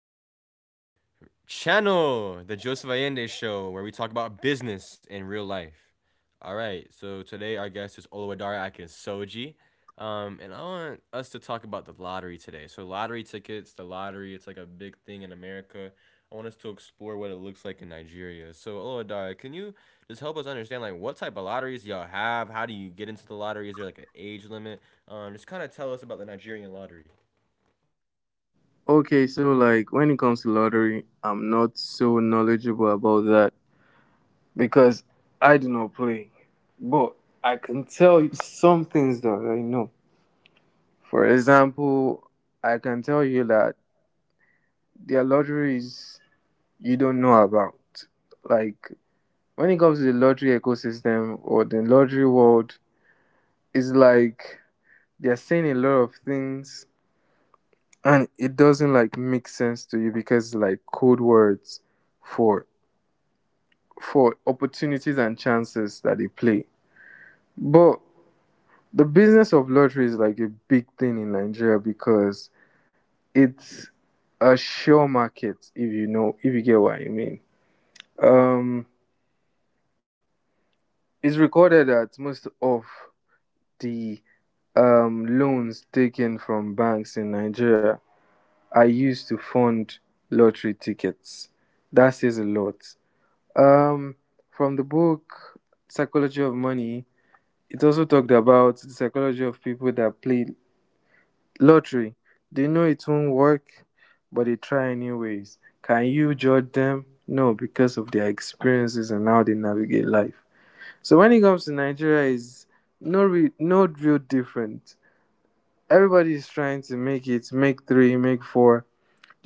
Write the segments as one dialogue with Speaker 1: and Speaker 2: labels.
Speaker 1: to my channel, The Joseph Allende Show, where we talk about business in real life. All right. So today, our guest is Oluwadara Akin Soji. And I want us to talk about the lottery today. So, lottery tickets, the lottery, it's like a big thing in America. I want us to explore what it looks like in Nigeria. So, Oluwadara, can you just help us understand like what type of lotteries y'all have? How do you get into the lottery? Is there like an age limit? Just kind of tell us about the Nigerian lottery.
Speaker 2: Okay, so like when it comes to lottery, I'm not so knowledgeable about that because I do not play. But I can tell you some things that I know. For example, I can tell you that there are lotteries you don't know about. Like when it comes to the lottery ecosystem or the lottery world, it's like they're saying a lot of things and it doesn't like make sense to you because like code words for for opportunities and chances that they play. But the business of lottery is like a big thing in Nigeria because it's a sure market if you know if you get what I mean. Um it's recorded that most of the loans taken from banks in Nigeria are used to fund lottery tickets. That says a lot. Um from the book Psychology of Money, it also talked about the psychology of people that play lottery. They know it won't work, but they try anyways. Can you judge them? No, because of their experiences and how they navigate life. So when it comes to Nigeria, is no real different. Everybody is trying to make it, make three, make four,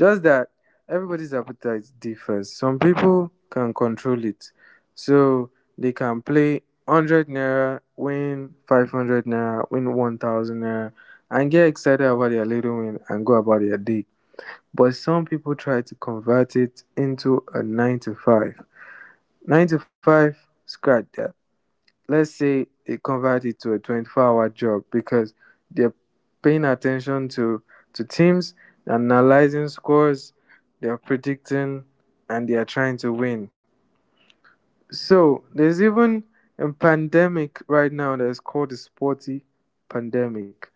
Speaker 2: just that everybody's appetite differs. Some people can control it. So they can play 100 naira, win 500 naira, win 1000 naira, and get excited about their little win and go about their day. But some people try to convert it into a 9 to 5. 9 to 5, scratch that, let's say they convert it to a 24-hour job because they're paying attention to teams, analyzing scores. They're predicting and they are trying to win. So there's even a pandemic right now that's called the sporty pandemic.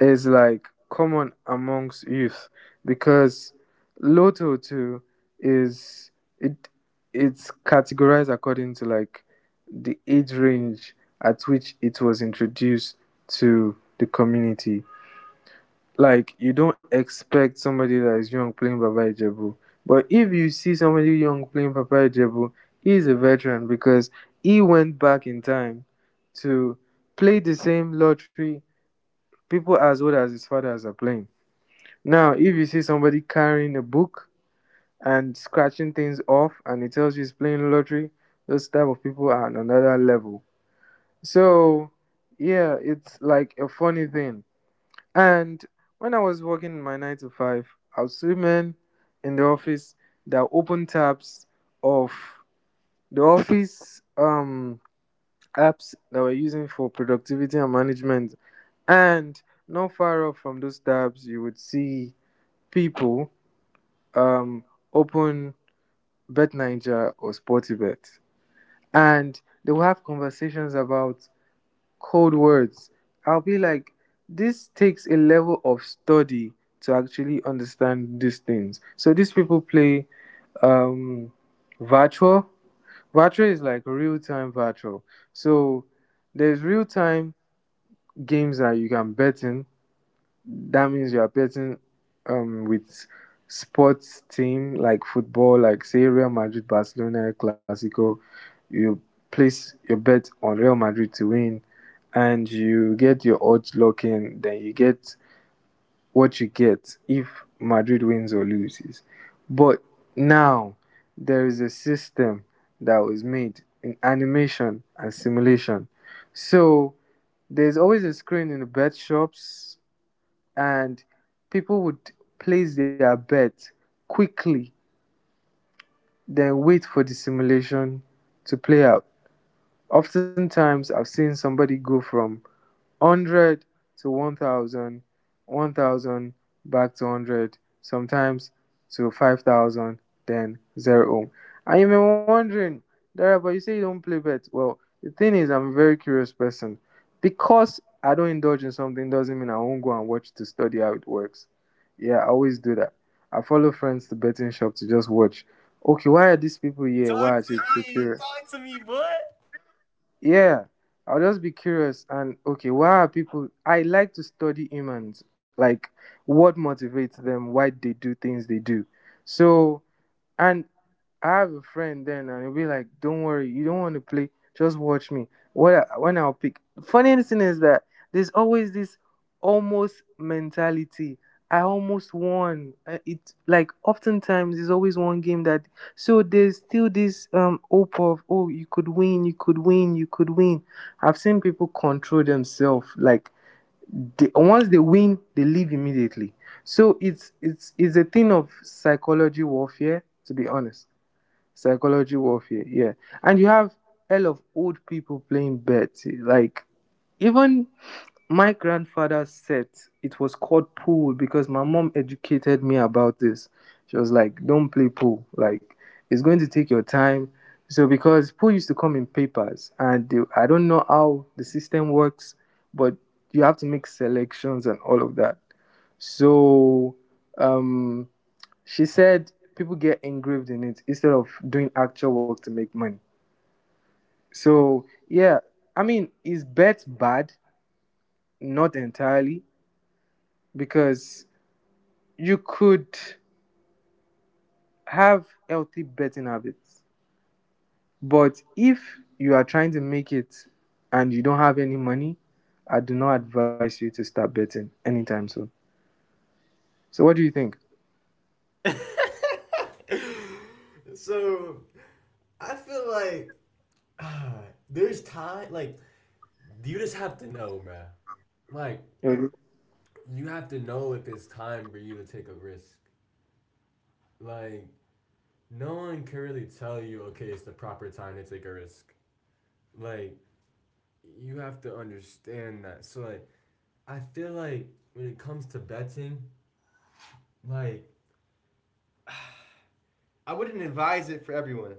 Speaker 2: Is like common amongst youth because Lotto too is it it's categorized according to like the age range at which it was introduced to the community. Like you don't expect somebody that is young playing Baba Ijebu, but if you see somebody young playing Baba Ijebu, he is a veteran because he went back in time to play the same lottery. People as old as his fathers are playing. Now, if you see somebody carrying a book and scratching things off and he tells you he's playing lottery, those type of people are on another level. So, yeah, it's like a funny thing. And when I was working my 9 to 5, I would see men in the office that open tabs of the office apps that we're using for productivity and management. And not far off from those tabs, you would see people, um, open Bet or Sportybet, and they will have conversations about code words. I'll be like, this takes a level of study to actually understand these things. So these people play, um, virtual. Virtual is like real time virtual. So there's real time games that you can bet in. That means you are betting with sports team like football, like say Real Madrid, Barcelona, Clasico. You place your bet on Real Madrid to win, and you get your odds locked in. Then you get what you get if Madrid wins or loses. But now there is a system that was made in animation and simulation. So there's always a screen in the bet shops, and people would place their bet quickly, then wait for the simulation to play out. Oftentimes, I've seen somebody go from 100 to 1000, 1000 back to hundred, sometimes to 5000, then zero. I You may be wondering, Dara, but you say you don't play bet. Well, the thing is, I'm a very curious person. Because I don't indulge in something doesn't mean I won't go and watch to study how it works. Yeah, I always do that. I follow friends to betting shop to just watch. Okay, why are these people here?
Speaker 1: Talk
Speaker 2: Why are they
Speaker 1: to
Speaker 2: so
Speaker 1: me.
Speaker 2: curious?
Speaker 1: Talk to me, boy.
Speaker 2: Yeah, I'll just be curious and okay, why are people I like to study humans, like what motivates them, why they do things they do. So, and I have a friend then, and he'll be like, "Don't worry, you don't want to play. Just watch me. When I'll pick." Funny thing is that there's always this almost mentality. I almost won. It like oftentimes there's always one game that, so there's still this hope of, oh, you could win, you could win, you could win. I've seen people control themselves like they, once they win, they leave immediately. So it's a thing of psychology warfare, to be honest. Psychology warfare, yeah. And you have hell of old people playing betty, like even my grandfather said it was called pool. Because my mom educated me about this, she was like, don't play pool, like it's going to take your time. So because pool used to come in papers, and they, I don't know how the system works, but you have to make selections and all of that. So, um she said people get engraved in it instead of doing actual work to make money. So yeah, I mean, is bet bad? Not entirely, because you could have healthy betting habits. But if you are trying to make it and you don't have any money, I do not advise you to start betting anytime soon. So what do you think?
Speaker 1: So I feel like ah, there's time. Like you just have to know, man. Like you have to know if it's time for you to take a risk. Like no one can really tell you, okay, it's the proper time to take a risk. Like you have to understand that. So like I feel like when it comes to betting, like I wouldn't advise it for everyone,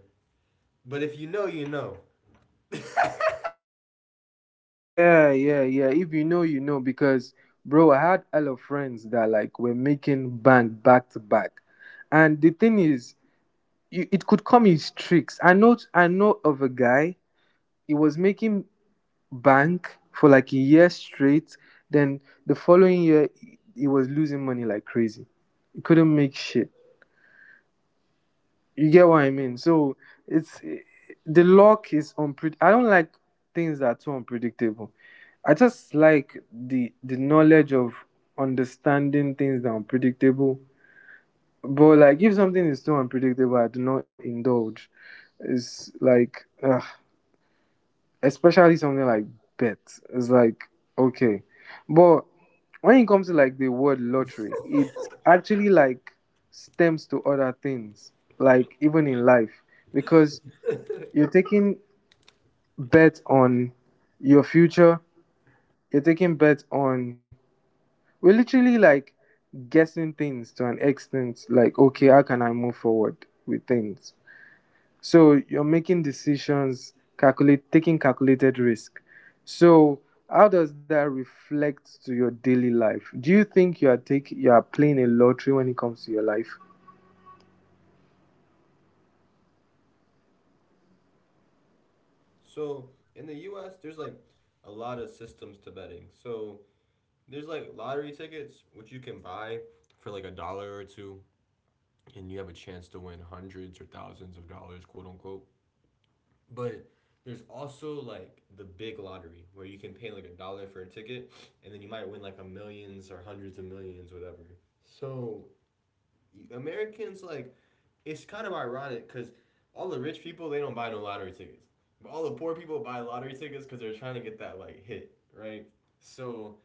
Speaker 1: but if you know, you know.
Speaker 2: Yeah, yeah, yeah. If you know, you know. Because, bro, I had a lot of friends that like were making bank back to back, and the thing is, you, it could come in streaks. I know of a guy. He was making bank for like a year straight. Then the following year, he was losing money like crazy. He couldn't make shit. You get what I mean? So it's the luck is unpred. I don't like things that are too unpredictable. I just like the knowledge of understanding things that are unpredictable. But like if something is too unpredictable, I do not indulge. It's like ugh, especially something like bet. It's like okay, but when it comes to like the word lottery, it actually like stems to other things, like even in life, because you're taking bet on your future. You're taking bet on. We're literally like guessing things to an extent. Like, okay, how can I move forward with things? So you're making decisions, calculate, taking calculated risk. So how does that reflect to your daily life? Do you think you are playing a lottery when it comes to your life?
Speaker 1: So in the U.S., there's like a lot of systems to betting. So there's like lottery tickets which you can buy for like a dollar or two, and you have a chance to win hundreds or thousands of dollars, quote unquote. But there's also like the big lottery where you can pay like a dollar for a ticket, and then you might win like a millions or hundreds of millions, whatever. So Americans like it's kind of ironic because all the rich people they don't buy no lottery tickets, but all the poor people buy lottery tickets because they're trying to get that like hit, right? So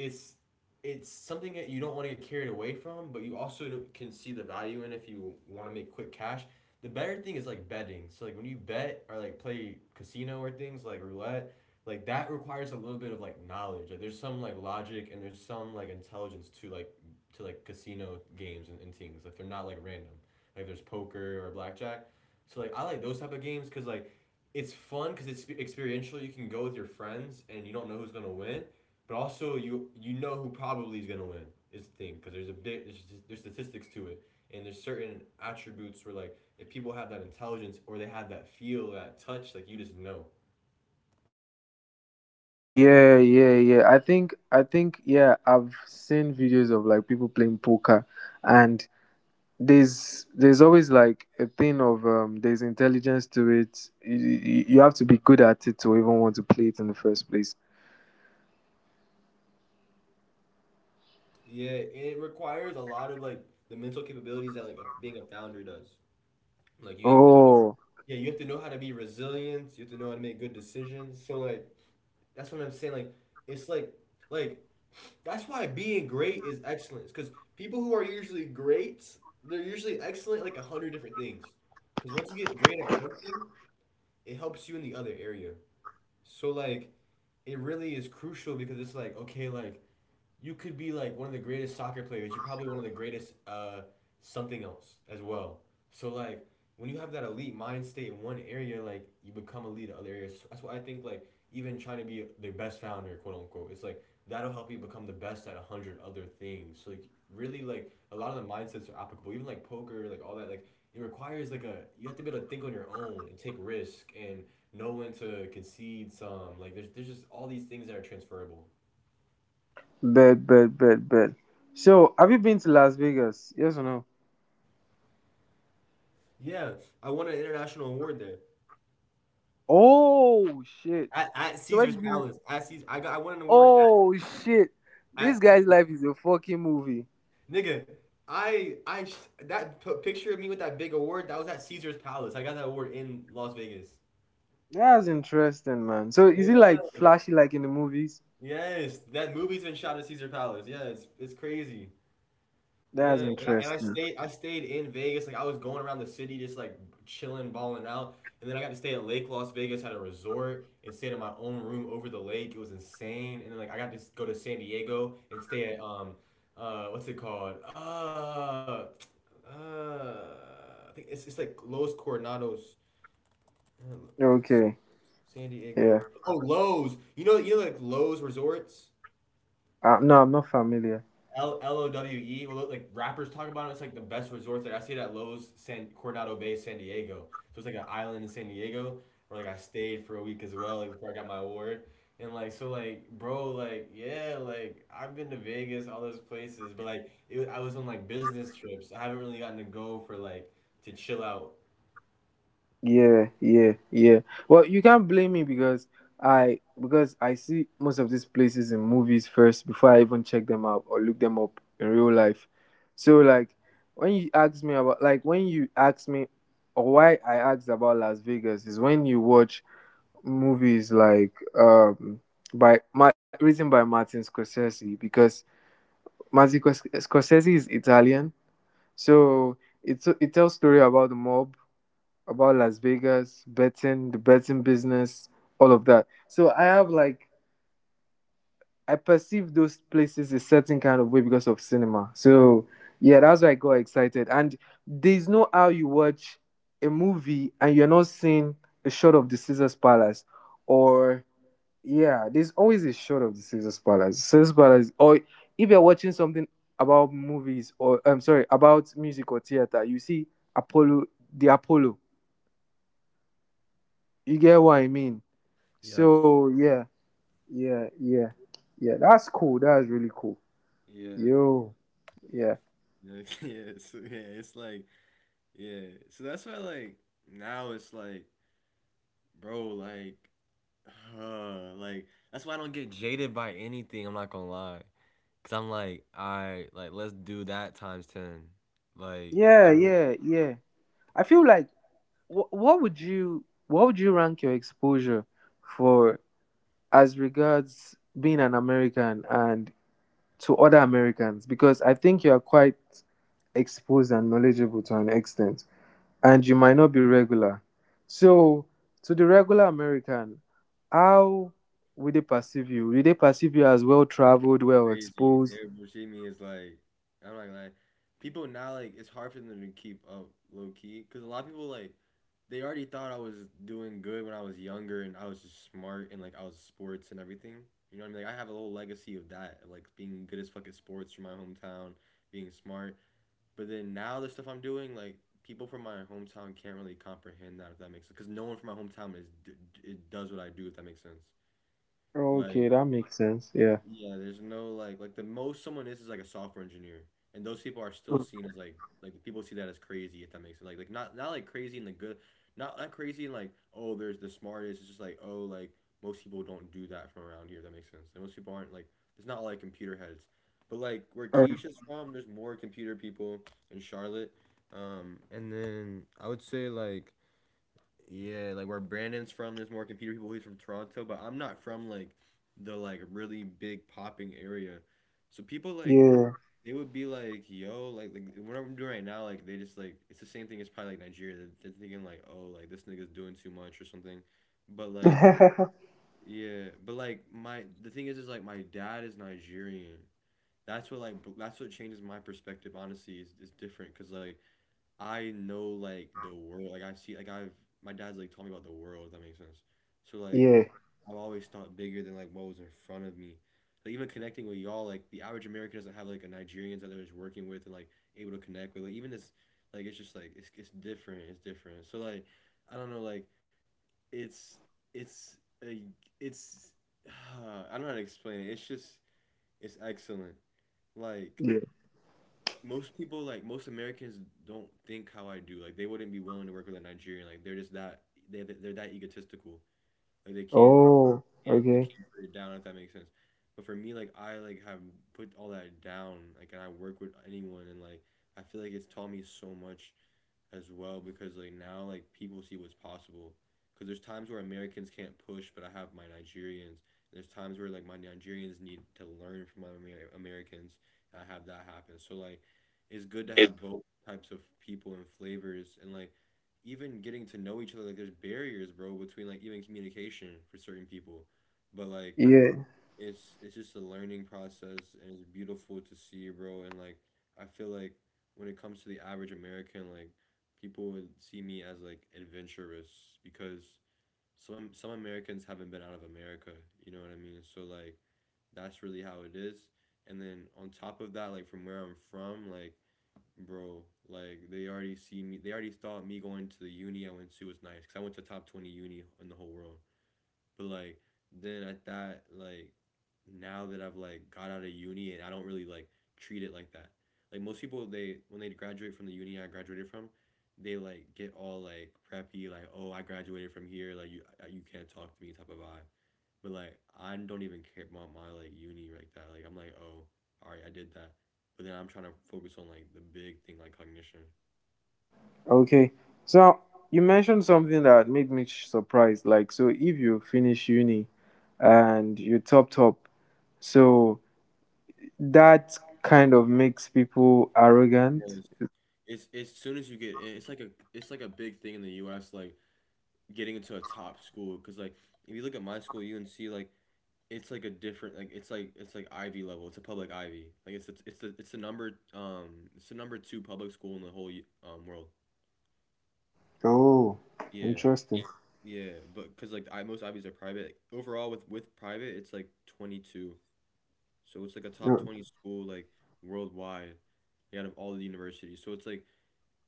Speaker 1: it's it's something that you don't want to get carried away from, but you also can see the value in if you want to make quick cash. The better thing is like betting. So like when you bet or like play casino or things like roulette, like that requires a little bit of like knowledge. Like there's some like logic and there's some like intelligence to like casino games and things. Like they're not like random. Like there's poker or blackjack. So like I like those type of games because like it's fun because it's experiential. You can go with your friends and you don't know who's gonna win, but also, you know who probably is gonna win is the thing because there's a big there's statistics to it, and there's certain attributes where like if people have that intelligence or they have that feel that touch, like you just know.
Speaker 2: Yeah, yeah, yeah. I think yeah, I've seen videos of like people playing poker and there's always like a thing of, there's intelligence to it. You have to be good at it to even want to play it in the first place.
Speaker 1: Yeah, and it requires a lot of like the mental capabilities that like being a founder does. Like you have to,
Speaker 2: Oh,
Speaker 1: yeah, you have to know how to be resilient. You have to know how to make good decisions. So like that's what I'm saying. Like it's like that's why being great is excellence. Because people who are usually great, they're usually excellent at like a hundred different things. Because once you get great at one thing, it helps you in the other area. So like, it really is crucial because it's like okay, like you could be like one of the greatest soccer players. You're probably one of the greatest something else as well. So like when you have that elite mind state in one area, like you become elite in other areas. So that's why I think like even trying to be the best founder, quote unquote, it's like that'll help you become the best at a hundred other things. So, like really like a lot of the mindsets are applicable. Even like poker, like all that, like it requires like a, you have to be able to think on your own and take risk and know when to concede some. Like there's just all these things that are transferable.
Speaker 2: bad, bad, bad, bad. So, have you been to Las Vegas? Yes or no?
Speaker 1: Yeah, I won an international award there
Speaker 2: Oh shit!
Speaker 1: at
Speaker 2: So why did
Speaker 1: Caesar's
Speaker 2: you?
Speaker 1: Palace. At Caesar, I won an award
Speaker 2: Oh shit! This
Speaker 1: at
Speaker 2: guy's
Speaker 1: Caesar.
Speaker 2: life is a fucking movie.
Speaker 1: Nigga, I I sh- that picture of me with that big award that was at Caesar's Palace. I got that award in Las Vegas.
Speaker 2: That's interesting, man. So is it like
Speaker 1: Yeah.
Speaker 2: flashy like in the movies?
Speaker 1: Yes, that movie's been shot at Caesar Palace. Yeah, it's crazy.
Speaker 2: That's
Speaker 1: Yeah, and I, and I
Speaker 2: interesting.
Speaker 1: stayed I stayed in Vegas. Like I was going around the city just like chilling, balling out. And then I got to stay at Lake Las Vegas, had a resort and stayed in my own room over the lake. It was insane. And then like I got to go to San Diego and stay at what's it called? Uh I think it's like Los Coronados, uh,
Speaker 2: Okay,
Speaker 1: San
Speaker 2: yeah.
Speaker 1: Diego. Oh, Lowe's. You know like Lowe's resorts?
Speaker 2: No, I'm not familiar.
Speaker 1: Lowe. Well, like rappers talk about it. It's like the best resorts. Like I stayed at Lowe's, San Coronado Bay, San Diego. So it's like an island in San Diego where like I stayed for a week as well, like before I got my award. And like so, like bro, like yeah, like I've been to Vegas, all those places, but like I was on like business trips. I haven't really gotten to go for like to chill out.
Speaker 2: Yeah, yeah, yeah. Well, you can't blame me because I, because I see most of these places in movies first before I even check them out or look them up in real life. So like when you ask me about, like when you ask me or why I asked about Las Vegas is when you watch movies like, written by Martin Scorsese. Because Scorsese is Italian, so it tells story about the mob, about Las Vegas, betting, the betting business, all of that. So I have like I perceive those places a certain kind of way because of cinema. So yeah, that's why I got excited. And there's no how you watch a movie and you're not seeing a shot of the Caesar's Palace, or yeah, there's always a shot of the Caesar's Palace. Caesar's Palace, or if you're watching something about movies, or I'm sorry, about music or theater, you see Apollo, the Apollo. You get what I mean?
Speaker 1: Yes.
Speaker 2: So yeah, yeah, yeah, yeah. That's cool. That's really cool.
Speaker 1: Yeah.
Speaker 2: Yo, yeah,
Speaker 1: Yeah. Yeah. So yeah, it's like yeah. So that's why like now it's like, bro, like that's why I don't get jaded by anything. I'm not gonna lie, cause I'm like, I like let's do that times ten. Like
Speaker 2: yeah,
Speaker 1: I really
Speaker 2: yeah, yeah. I feel like, what would you rank your exposure for as regards being an American and to other Americans? Because I think you are quite exposed and knowledgeable to an extent. And you might not be regular. So, to the regular American, how will they perceive you? Will they perceive you as well traveled, well
Speaker 1: crazy.
Speaker 2: exposed?
Speaker 1: They perceive me as like, I'm not gonna lie. People now like it's hard for them to keep up low key, cause a lot of people like they already thought I was doing good when I was younger and I was just smart and like I was sports and everything. You know what I mean? Like I have a whole legacy of that, like being good as fucking sports from my hometown, being smart. But then now the stuff I'm doing, like people from my hometown can't really comprehend that if that makes sense. Because no one from my hometown is it does what I do if that makes sense.
Speaker 2: Okay,
Speaker 1: Like
Speaker 2: that makes sense. Yeah.
Speaker 1: yeah, there's no like like the most someone is like a software engineer, and those people are
Speaker 2: Mm,
Speaker 1: still seen as like the people see that as crazy if that makes sense. Like not like crazy in the good, not crazy in like oh there's the smartest. It's just like oh like most people don't do that from around here. If that makes sense. Like, most people aren't like there's not like computer heads, but like where
Speaker 2: alright.
Speaker 1: Keisha's from, there's more computer people in Charlotte, and then I would say like yeah, like where Brandon's from, there's more computer people. He's from Toronto, but I'm not from like the like really big popping area. So people like
Speaker 2: Yeah.
Speaker 1: they would be like, "Yo, like whatever I'm doing right now." Like they just like it's the same thing as probably like Nigeria. They're thinking like, "Oh, like this nigga's doing too much or something," but like yeah, but like my the thing is like my dad is Nigerian. That's what like that's what changes my perspective. Honestly, is different because like I know like the world. Like I see like I've my dad's like taught me about the world, if that makes sense. So like
Speaker 2: Yeah.
Speaker 1: I've always thought bigger than like what was in front of me. Like even connecting with y'all, like the average American doesn't have like a Nigerians that they're just working with and like able to connect with. Like even this like it's just like it's different. It's different. So like I don't know, like it's it's a it's I don't know how to explain it. It's just it's excellent. Like
Speaker 2: Yeah.
Speaker 1: most people like most Americans don't think how I do. Like they wouldn't be willing to work with a Nigerian. Like they're just that they're that egotistical. Like they
Speaker 2: Oh,
Speaker 1: can't they
Speaker 2: okay.
Speaker 1: can't put it down if that makes sense. But for me, like I like have put all that down. Like and I work with anyone and like I feel like it's taught me so much as well because like now like people see what's possible because there's times where Americans can't push but I have my Nigerians, there's times where like my Nigerians need to learn from my Americans and I have that happen so like it's good to have both types of people and flavors and like even getting to know each other like there's barriers bro between like even communication for certain people but like
Speaker 2: Yeah.
Speaker 1: it's just a learning process and it's beautiful to see, bro. And like I feel like when it comes to the average American, like people would see me as like adventurous because some Americans haven't been out of America, you know what I mean? So like that's really how it is. And then on top of that, like from where I'm from, like bro, like they already see me. They already thought me going to the uni I went to was nice because I went to top 20 uni in the whole world. But like then I thought like now that I've like got out of uni and I don't really like treat it like that. Like most people, they when they graduate from the uni I graduated from, they like get all like preppy, like, oh, I graduated from here, like you you can't talk to me type of vibe. But like I don't even care about my like uni like that. Like I'm like, oh, all right, I did that. But then I'm trying to focus on like the big thing like cognition.
Speaker 2: Okay. So, you mentioned something that made me surprised. Like, so if you finish uni and you top top, so that kind of makes people arrogant.
Speaker 1: Yes. It's as soon as you get in, it's like a big thing in the U.S. Like getting into a top school, because like if you look at my school UNC, like it's like a different, like it's like, it's like Ivy level, it's a public Ivy, like it's the number it's the number two public school in the whole world.
Speaker 2: Oh,
Speaker 1: Yeah,
Speaker 2: interesting.
Speaker 1: yeah, but because like I most Ivies are private overall, with private it's like 22, so it's like a top
Speaker 2: No,
Speaker 1: 20 school like worldwide, like, out of all the universities, so it's like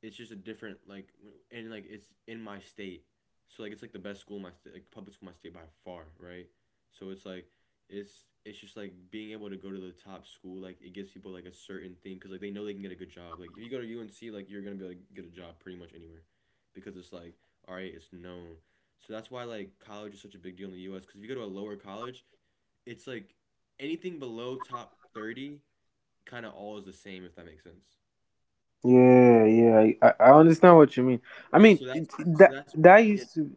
Speaker 1: it's just a different, like, and like it's in my state, so like it's like the best school in my state, like public school in my state by far, right? So it's like it's just like being able to go to the top school, like it gives people like a certain thing because like they know they can get a good job. Like if you go to UNC, like you're gonna be able to get a job pretty much anywhere because it's like, all right, it's known. So that's why like college is such a big deal in the US, because if you go to a lower college, it's like anything below top 30 kind of all is the same, if that makes sense.
Speaker 2: yeah, yeah. I understand what you mean. I
Speaker 1: Yeah,
Speaker 2: mean
Speaker 1: so that's
Speaker 2: it, that that
Speaker 1: yes,
Speaker 2: used to.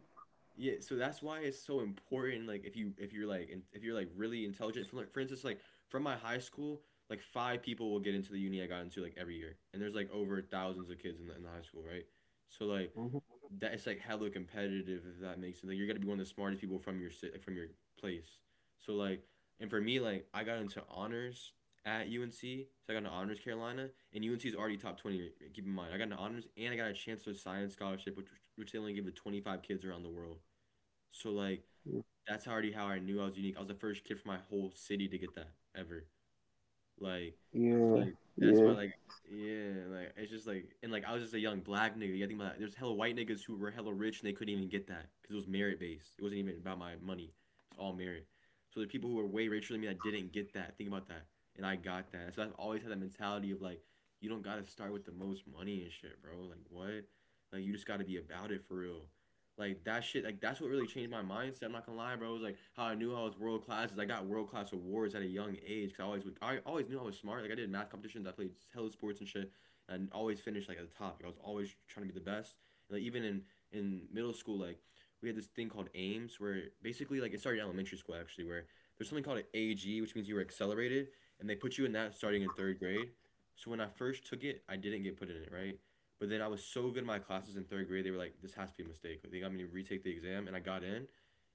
Speaker 1: yeah, so that's why it's so important. Like, if you if you're like really intelligent, from like, for instance, like from my high school, like five people will get into the uni I got into like every year, and there's like over thousands of kids in the high school, right? So like
Speaker 2: Mhm.
Speaker 1: that it's like hella competitive, if that makes sense. Like you're gonna be one of the smartest people from your city, from your place. So like, and for me, like I got into honors at UNC. So I got an honors Carolina, and UNC is already top 20. Keep in mind, I got an honors and I got a Chancellor Science scholarship, which they only give to 25 kids around the world. So like that's already how I knew I was unique. I was the first kid from my whole city to get that ever. Like,
Speaker 2: Yeah,
Speaker 1: so like,
Speaker 2: yeah.
Speaker 1: that's why like, yeah, like it's just like, and like I was just a young black nigga. You think about that. There's hella white niggas who were hella rich and they couldn't even get that because it was merit based. It wasn't even about my money. It's all merit. So the people who were way richer than me that didn't get that. Think about that. And I got that. So I've always had that mentality of like, you don't gotta start with the most money and shit, bro. Like what? Like you just gotta be about it for real. Like that shit, like that's what really changed my mindset. I'm not gonna lie, bro. It was like how I knew I was world class is I got world class awards at a young age. Cause I always knew I was smart. Like I did math competitions, I played hella sports and shit, and I always finished like at the top. Like, I was always trying to be the best. And like even in middle school, like we had this thing called AIMS, where basically like it started in elementary school actually, where there's something called an AG, which means you were accelerated, and they put you in that starting in third grade. So when I first took it, I didn't get put in it, right? But then I was so good in my classes in third grade, they were like, this has to be a mistake. Like, they got me to retake the exam, and I got in.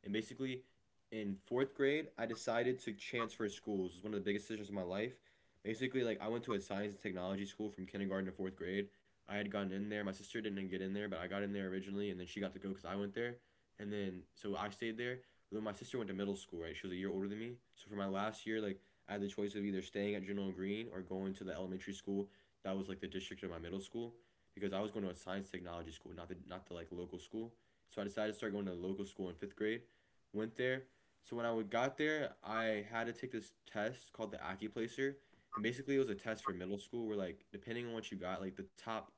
Speaker 1: And basically, in fourth grade, I decided to transfer schools. It was one of the biggest decisions of my life. Basically, like, I went to a science and technology school from kindergarten to fourth grade. I had gotten in there. My sister didn't get in there, but I got in there originally, and then she got to go because I went there. And then, so I stayed there. But then my sister went to middle school, right? She was a year older than me. So for my last year, like, I had the choice of either staying at General Green or going to the elementary school that was like the district of my middle school, because I was going to a science technology school, not the like local school. So I decided to start going to the local school in fifth grade. Went there. So when I got there, I had to take this test called the Accuplacer, and basically it was a test for middle school where like depending on what you got, like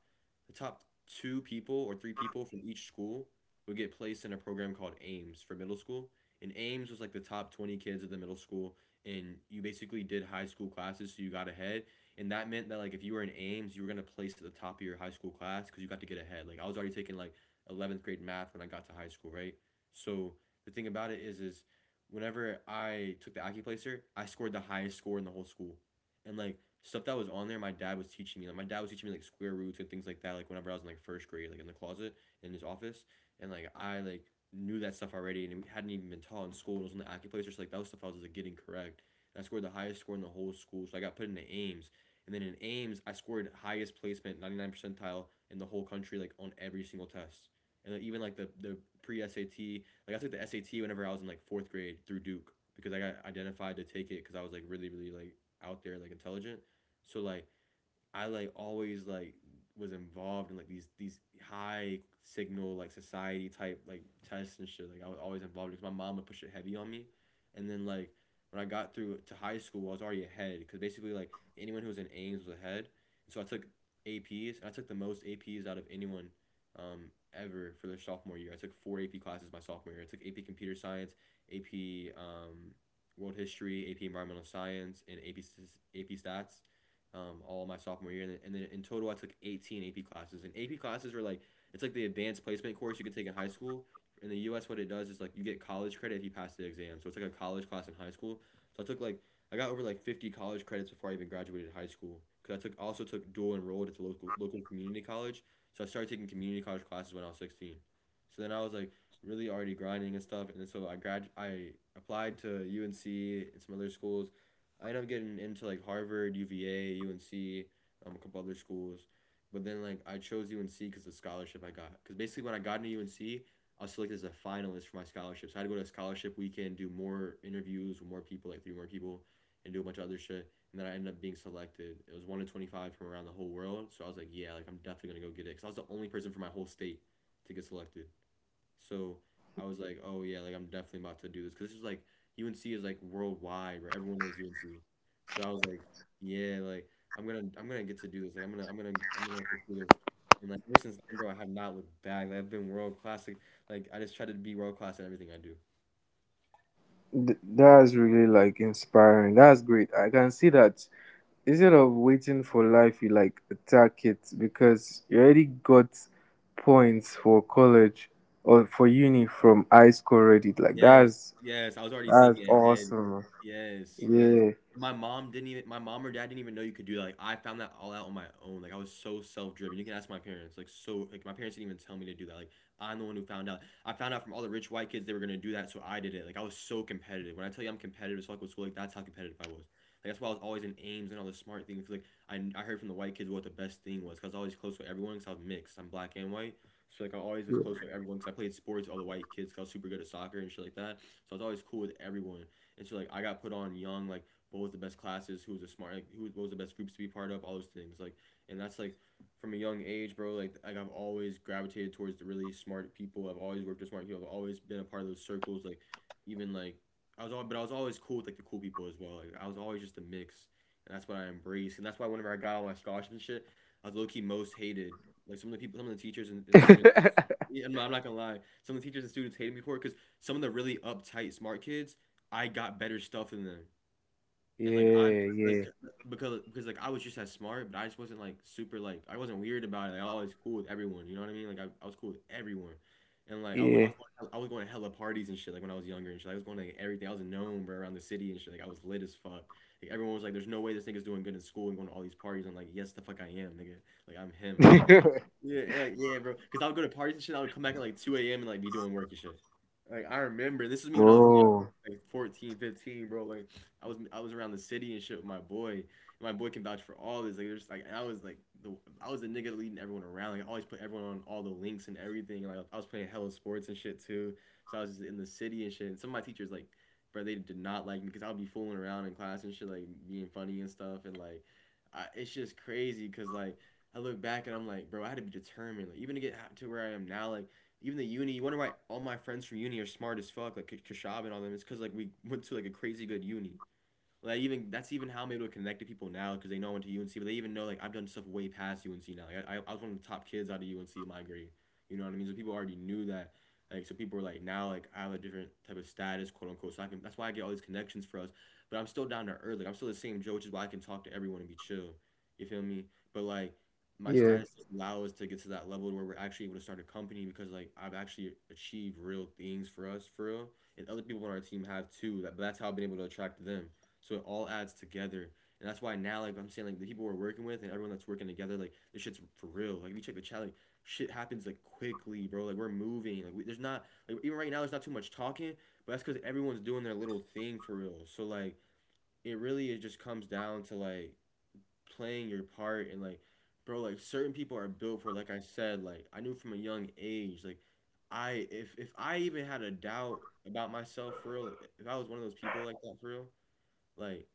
Speaker 1: the top two people or three people from each school would get placed in a program called Aims for middle school. And Aims was like the top 20 kids of the middle school, and you basically did high school classes, so you got ahead, and that meant that like if you were in Ames, you were gonna place at the top of your high school class because you got to get ahead. Like I was already taking like 11th grade math when I got to high school, right? So the thing about it is whenever I took the Accuplacer, I scored the highest score in the whole school, and like stuff that was on there, my dad was teaching me. Like my dad was teaching me like square roots and things like that. Like whenever I was in like first grade, like in the closet in his office, and like I like knew that stuff already, and it hadn't even been taught in school. It was on the Accuplacer, so like that was stuff I was like getting correct. And I scored the highest score in the whole school, so I got put into Ames. And then in Ames, IMS, I scored highest placement, 99 percentile in the whole country, like on every single test. And like, even like the pre SAT, like I took the SAT whenever I was in like fourth grade through Duke, because I got identified to take it because I was like really, really like out there, like intelligent. So like I like always like was involved in like these high signal like society type like tests and shit. Like I was always involved because my mom would push it heavy on me, and then like when I got through to high school, I was already ahead because basically like anyone who was in Ames was ahead, and so I took APs and I took the most APs out of anyone. Ever for their sophomore year. I took four AP classes my sophomore year. I took AP Computer Science, AP World History, AP Environmental Science, and AP Stats all my sophomore year, and then, in total I took 18 AP classes. And AP classes are like, it's like the advanced placement course you can take in high school. In the U.S., what it does is like you get college credit if you pass the exam, so it's like a college class in high school. So I took like I got over like 50 college credits before I even graduated high school. Cause I took also took dual enrolled at the local community college, so I started taking community college classes when I was 16. So then I was like really already grinding and stuff, and then so I applied to UNC and some other schools. I ended up getting into like Harvard, UVA, UNC, a couple other schools, but then like I chose UNC because the scholarship I got. Because basically when I got into UNC, I was selected as a finalist for my scholarship. So I had to go to a scholarship weekend, do more interviews with more people, like three more people, and do a bunch of other shit. And then I ended up being selected. It was 1 to 25 from around the whole world. So I was like, yeah, like I'm definitely gonna go get it. Cause I was the only person from my whole state to get selected. So I was like, oh yeah, like I'm definitely about to do this because this is like UNC is like worldwide, where everyone knows UNC. So I was like, yeah, like I'm gonna get to do this. Like I'm gonna pursue this. And like ever since then, bro, I have not looked back. Like, I've been world class. Like I just try to be world class at everything I do.
Speaker 2: That's really like inspiring. That's great. I can see that instead of waiting for life you like attack it because you already got points for college or for uni from high school already, like
Speaker 1: Yes,
Speaker 2: that's
Speaker 1: yes. I was already
Speaker 2: that's
Speaker 1: thinking ahead.
Speaker 2: awesome
Speaker 1: Yes, yes.
Speaker 2: man.
Speaker 1: And my mom or dad didn't even know you could do that. Like, I found that all out on my own. Like, I was so self-driven. You can ask my parents. Like, so, like, my parents didn't even tell me to do that. Like, I'm the one who found out. I found out from all the rich white kids they were gonna do that, so I did it. Like, I was so competitive. When I tell you I'm competitive, it's like with school, like, that's how competitive I was. Like, that's why I was always in Ames and all the smart things. Like, I heard from the white kids what the best thing was, because I was always close with everyone, because I was mixed. I'm black and white. So like I always was close
Speaker 2: Yeah.
Speaker 1: with everyone because I played sports with all the white kids, 'cause I was super good at soccer and shit like that. So I was always cool with everyone. And so like I got put on young like what was the best classes, who was the smart, like, who what was the best groups to be part of, all those things. Like and that's like from a young age, bro. Like I've always gravitated towards the really smart people. I've always worked with smart people. I've always been a part of those circles. Like even like I was always cool with like the cool people as well. Like I was always just a mix, and that's what I embraced, and that's why whenever I got all my scholarships and shit, I was low key most hated like some of the people, some of the teachers and students. Yeah, I'm not gonna lie. Some of the teachers and students hated me for it because some of the really uptight smart kids, I got better stuff than them, and like I'm
Speaker 2: Yeah,
Speaker 1: like
Speaker 2: yeah,
Speaker 1: because like I was just as smart, but I just wasn't like super like I wasn't weird about it. Like, I was always cool with everyone. You know what I mean? Like I was cool with everyone, and I was going to hella parties and shit. Like when I was younger and shit, like, I was going to like, everything. I was known bro around the city and shit. Like I was lit as fuck. Like everyone was like, "There's no way this nigga's doing good in school and going to all these parties." I'm like, "Yes, the fuck I am, nigga. Like I'm him."
Speaker 2: yeah.
Speaker 1: Yeah, and, like, yeah, bro. Because I would go to parties and shit. I would come back at like 2 a.m. and like be doing work and shit. Like I remember, this was me when I was
Speaker 2: Oh
Speaker 1: young, like 14, 15, bro. Like I was around the city and shit with my boy. And my boy can vouch for all this. Like there's like and I was like the I was the nigga leading everyone around. Like I always put everyone on all the links and everything. Like I was playing hella sports and shit too. So I was just in the city and shit. And some of my teachers like, bro, they did not like me because I would be fooling around in class and shit, like being funny and stuff and like. It's just crazy because like I look back and I'm like, bro, I had to be determined. Like, even to get to where I am now, like, even the uni, you wonder why all my friends from uni are smart as fuck, like Kashab and all them. It's because, like, we went to, like, a crazy good uni. Like even that's even how I'm able to connect to people now because they know I went to UNC, but they even know like I've done stuff way past UNC now. Like, I was one of the top kids out of UNC in my grade. You know what I mean? So people already knew that. Like so people are like now like I have a different type of status, quote unquote. So I can That's why I get all these connections for us. But I'm still down to earth. Like I'm still the same Joe, which is why I can talk to everyone and be chill. You feel me? But like my
Speaker 2: yeah.
Speaker 1: status doesn't allow us to get to that level where we're actually able to start a company because like I've actually achieved real things for us for real. And other people on our team have too. That's how I've been able to attract them. So it all adds together. And that's why now, like I'm saying, like the people we're working with and everyone that's working together, like this shit's for real. Like if you check the chat, like shit happens like quickly, bro. Like we're moving. There's not like even right now there's not too much talking, but that's because everyone's doing their little thing for real. So like it really it just comes down to like playing your part and like, bro, like certain people are built for. Like I said, like I knew from a young age, like I if I even had a doubt about myself for real, if I was one of those people like that for real, like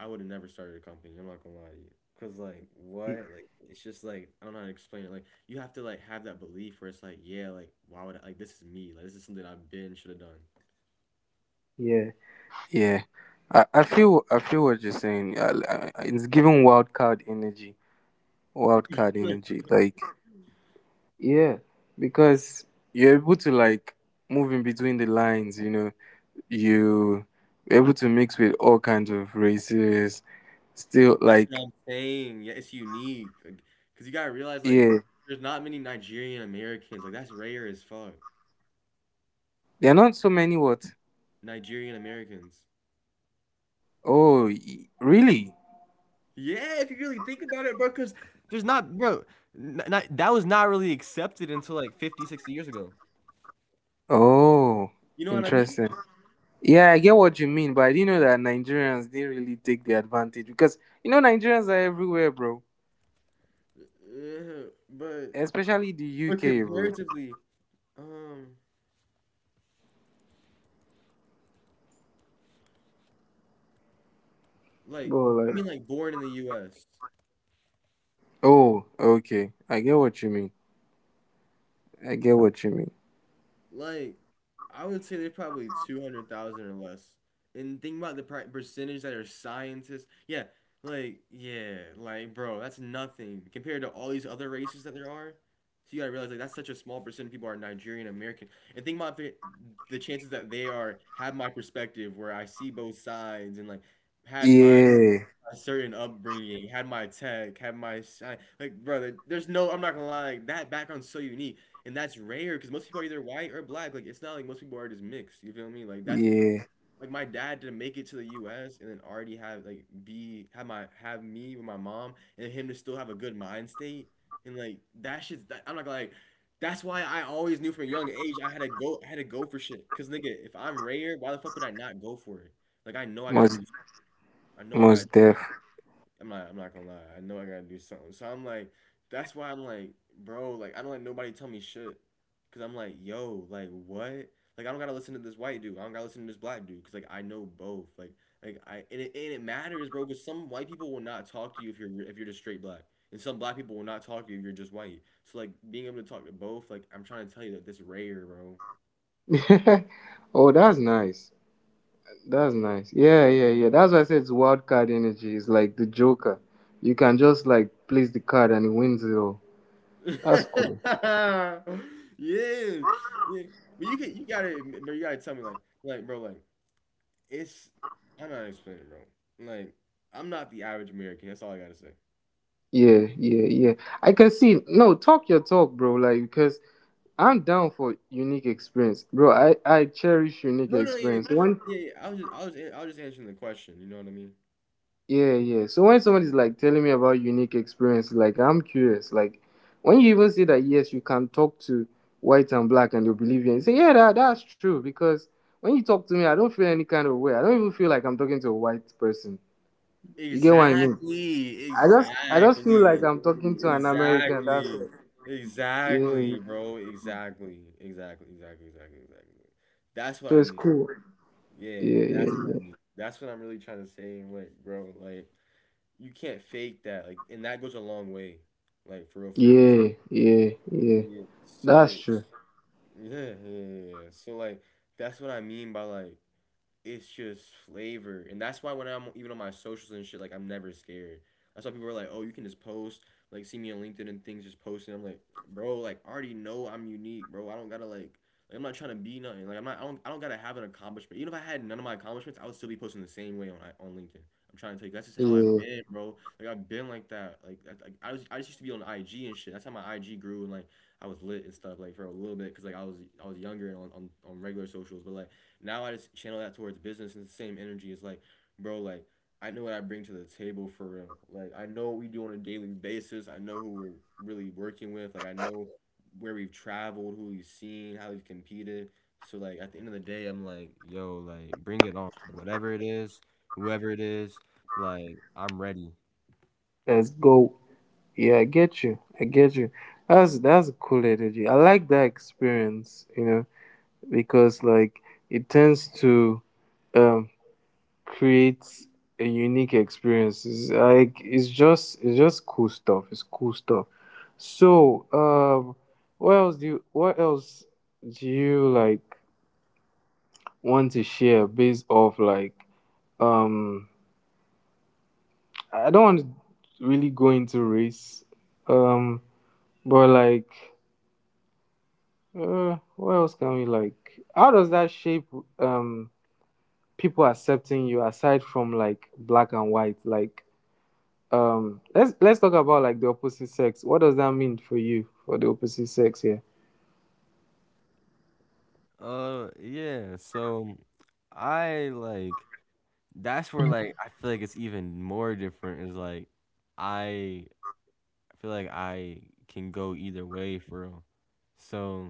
Speaker 1: I would have never started a company. I'm not gonna lie to you. Cause like
Speaker 2: y-
Speaker 1: what? Like it's just like I don't know how to explain it. Like you have to like have that belief where it's like, yeah, like why would I like this is me. Like this is something I've been should have done.
Speaker 2: yeah yeah, I feel what you're saying. It's giving wild card energy, wild card
Speaker 1: Like,
Speaker 2: energy, like yeah, because you're able to like move in between the lines, you know. You you're able to mix with all kinds of races. Still,
Speaker 1: that's what
Speaker 2: like,
Speaker 1: I'm saying. Yeah, it's unique. Like, cause you gotta realize like
Speaker 2: yeah,
Speaker 1: there's not many Nigerian Americans. Like that's rare as fuck.
Speaker 2: there are not so many. What?
Speaker 1: Nigerian Americans.
Speaker 2: Oh, really?
Speaker 1: Yeah, if you really think about it, bro, because there's not, bro, n- n- that was not really accepted until like 50, 60 years ago.
Speaker 2: Oh,
Speaker 1: You know what I mean?
Speaker 2: interesting. Yeah, I get what you mean, but I didn't know that Nigerians didn't really take the advantage, because you know Nigerians are everywhere, bro.
Speaker 1: Uh, but
Speaker 2: Especially the
Speaker 1: But
Speaker 2: UK, bro.
Speaker 1: comparatively, um, like
Speaker 2: Bro,
Speaker 1: I
Speaker 2: like.
Speaker 1: mean, like born in the U.S.,
Speaker 2: Oh, okay. I get what you mean. I get what you mean.
Speaker 1: like I would say there's probably 200,000 or less. And think about the percentage that are scientists. Yeah, like bro, that's nothing compared to all these other races that there are. So you gotta realize like that's such a small percent of people are Nigerian American. And think about the chances that they are have my perspective where I see both sides and like had my
Speaker 2: Yeah.
Speaker 1: a certain upbringing, had my tech, had my shine. Like, brother, there's no, I'm not gonna lie, like, that background's so unique. And that's rare because most people are either white or black. Like, it's not like most people are just mixed. You feel me? Like, that's
Speaker 2: Yeah,
Speaker 1: like my dad didn't make it to the US and then already have, like, have me with my mom and him to still have a good mind state. And, like, that, I'm not gonna lie. That's why I always knew from a young age I had to go for shit. Cause, nigga, if I'm rare, why the fuck would I not go for it? Like,
Speaker 2: most
Speaker 1: I know I gotta
Speaker 2: most deaf.
Speaker 1: I'm not gonna lie. I know I gotta do something. So I'm like, that's why I'm like, bro. Like I don't let nobody tell me shit, cause I'm like, yo, like what? Like I don't gotta listen to this white dude. I don't gotta listen to this black dude, cause like I know both. Like and it matters, bro. Cause some white people will not talk to you if you're just straight black, and some black people will not talk to you if you're just white. So, like, being able to talk to both, like, I'm trying to tell you that this rare, bro.
Speaker 2: Oh, that's nice. That's nice. Yeah, yeah, yeah. That's why I said it's wild card energy. It's like the Joker. You can just like place the card and it wins it all. That's cool.
Speaker 1: Yeah, yeah. But you can you gotta but you gotta tell me, like bro like it's I'm not explaining, bro. Like, I'm not the average American. That's all I gotta say.
Speaker 2: Yeah, yeah, yeah. I can see. No, talk your talk, bro. Like because I'm down for unique experience, bro. I cherish unique
Speaker 1: No, no, yeah,
Speaker 2: experience. One.
Speaker 1: yeah, yeah, I was just answering the question. You know what I mean?
Speaker 2: Yeah, yeah. So when somebody's like telling me about unique experiences, like I'm curious. Like when you even say that yes, you can talk to white and black and they'll believe you and say, yeah, that's true, because when you talk to me, I don't feel any kind of way. I don't even feel like I'm talking to a white person. You get what I mean?
Speaker 1: Exactly,
Speaker 2: I just feel like
Speaker 1: exactly,
Speaker 2: I'm talking to an American, that's
Speaker 1: exactly,
Speaker 2: it. Yeah, yeah.
Speaker 1: exactly, bro. Exactly, exactly, exactly, exactly, exactly. That's what
Speaker 2: So
Speaker 1: I
Speaker 2: it's
Speaker 1: mean.
Speaker 2: cool.
Speaker 1: Yeah,
Speaker 2: Yeah, yeah,
Speaker 1: that's what I
Speaker 2: yeah.
Speaker 1: mean. That's what I'm really trying to say. And, like, bro, like, you can't fake that. Like, and that goes a long way. Like, for real, for real.
Speaker 2: Yeah, yeah, yeah.
Speaker 1: Yeah.
Speaker 2: That's true.
Speaker 1: Yeah, yeah, yeah, yeah. So, like, that's what I mean by, like, it's just flavor, and that's why when I'm even on my socials and shit, like, I'm never scared. That's why people are like, oh, you can just post, like, see me on LinkedIn and things, just posting. I'm like, bro, like, I already know I'm unique, bro. I don't gotta like. Like, I'm not trying to be nothing. Like I'm not. I don't. I don't gotta have an accomplishment. Even if I had none of my accomplishments, I would still be posting the same way on LinkedIn. I'm trying to tell you, that's just how I've
Speaker 2: Yeah.
Speaker 1: been, bro. Like, I've been like that. Like, I was. I just used to be on IG and shit. That's how my IG grew, and, like, I was lit and stuff. Like, for a little bit, cause like I was younger and on, on regular socials. But, like, now I just channel that towards business, and the same energy is like, bro, like, I know what I bring to the table for real. Like, I know what we do on a daily basis. I know who we're really working with. Like, I know where we've traveled, who we've seen, how we've competed. So, like, at the end of the day, I'm like, yo, like, bring it on. Whatever it is, whoever it is, like, I'm ready.
Speaker 2: Let's go. Yeah, I get you. I get you. That's a cool energy. I like that experience, you know, because like it tends to um create a unique experience. It's like it's just cool stuff. It's cool stuff. So, what else do you, what else do you like want to share based off like um I don't want to really go into race. Um but like what else can we like? How does that shape um people accepting you aside from like black and white? Like let's talk about like the opposite sex. What does that mean for you for the opposite sex here?
Speaker 1: Yeah. So, I like that's where, like, I feel like it's even more different. Is like I I feel like I can go either way for real. So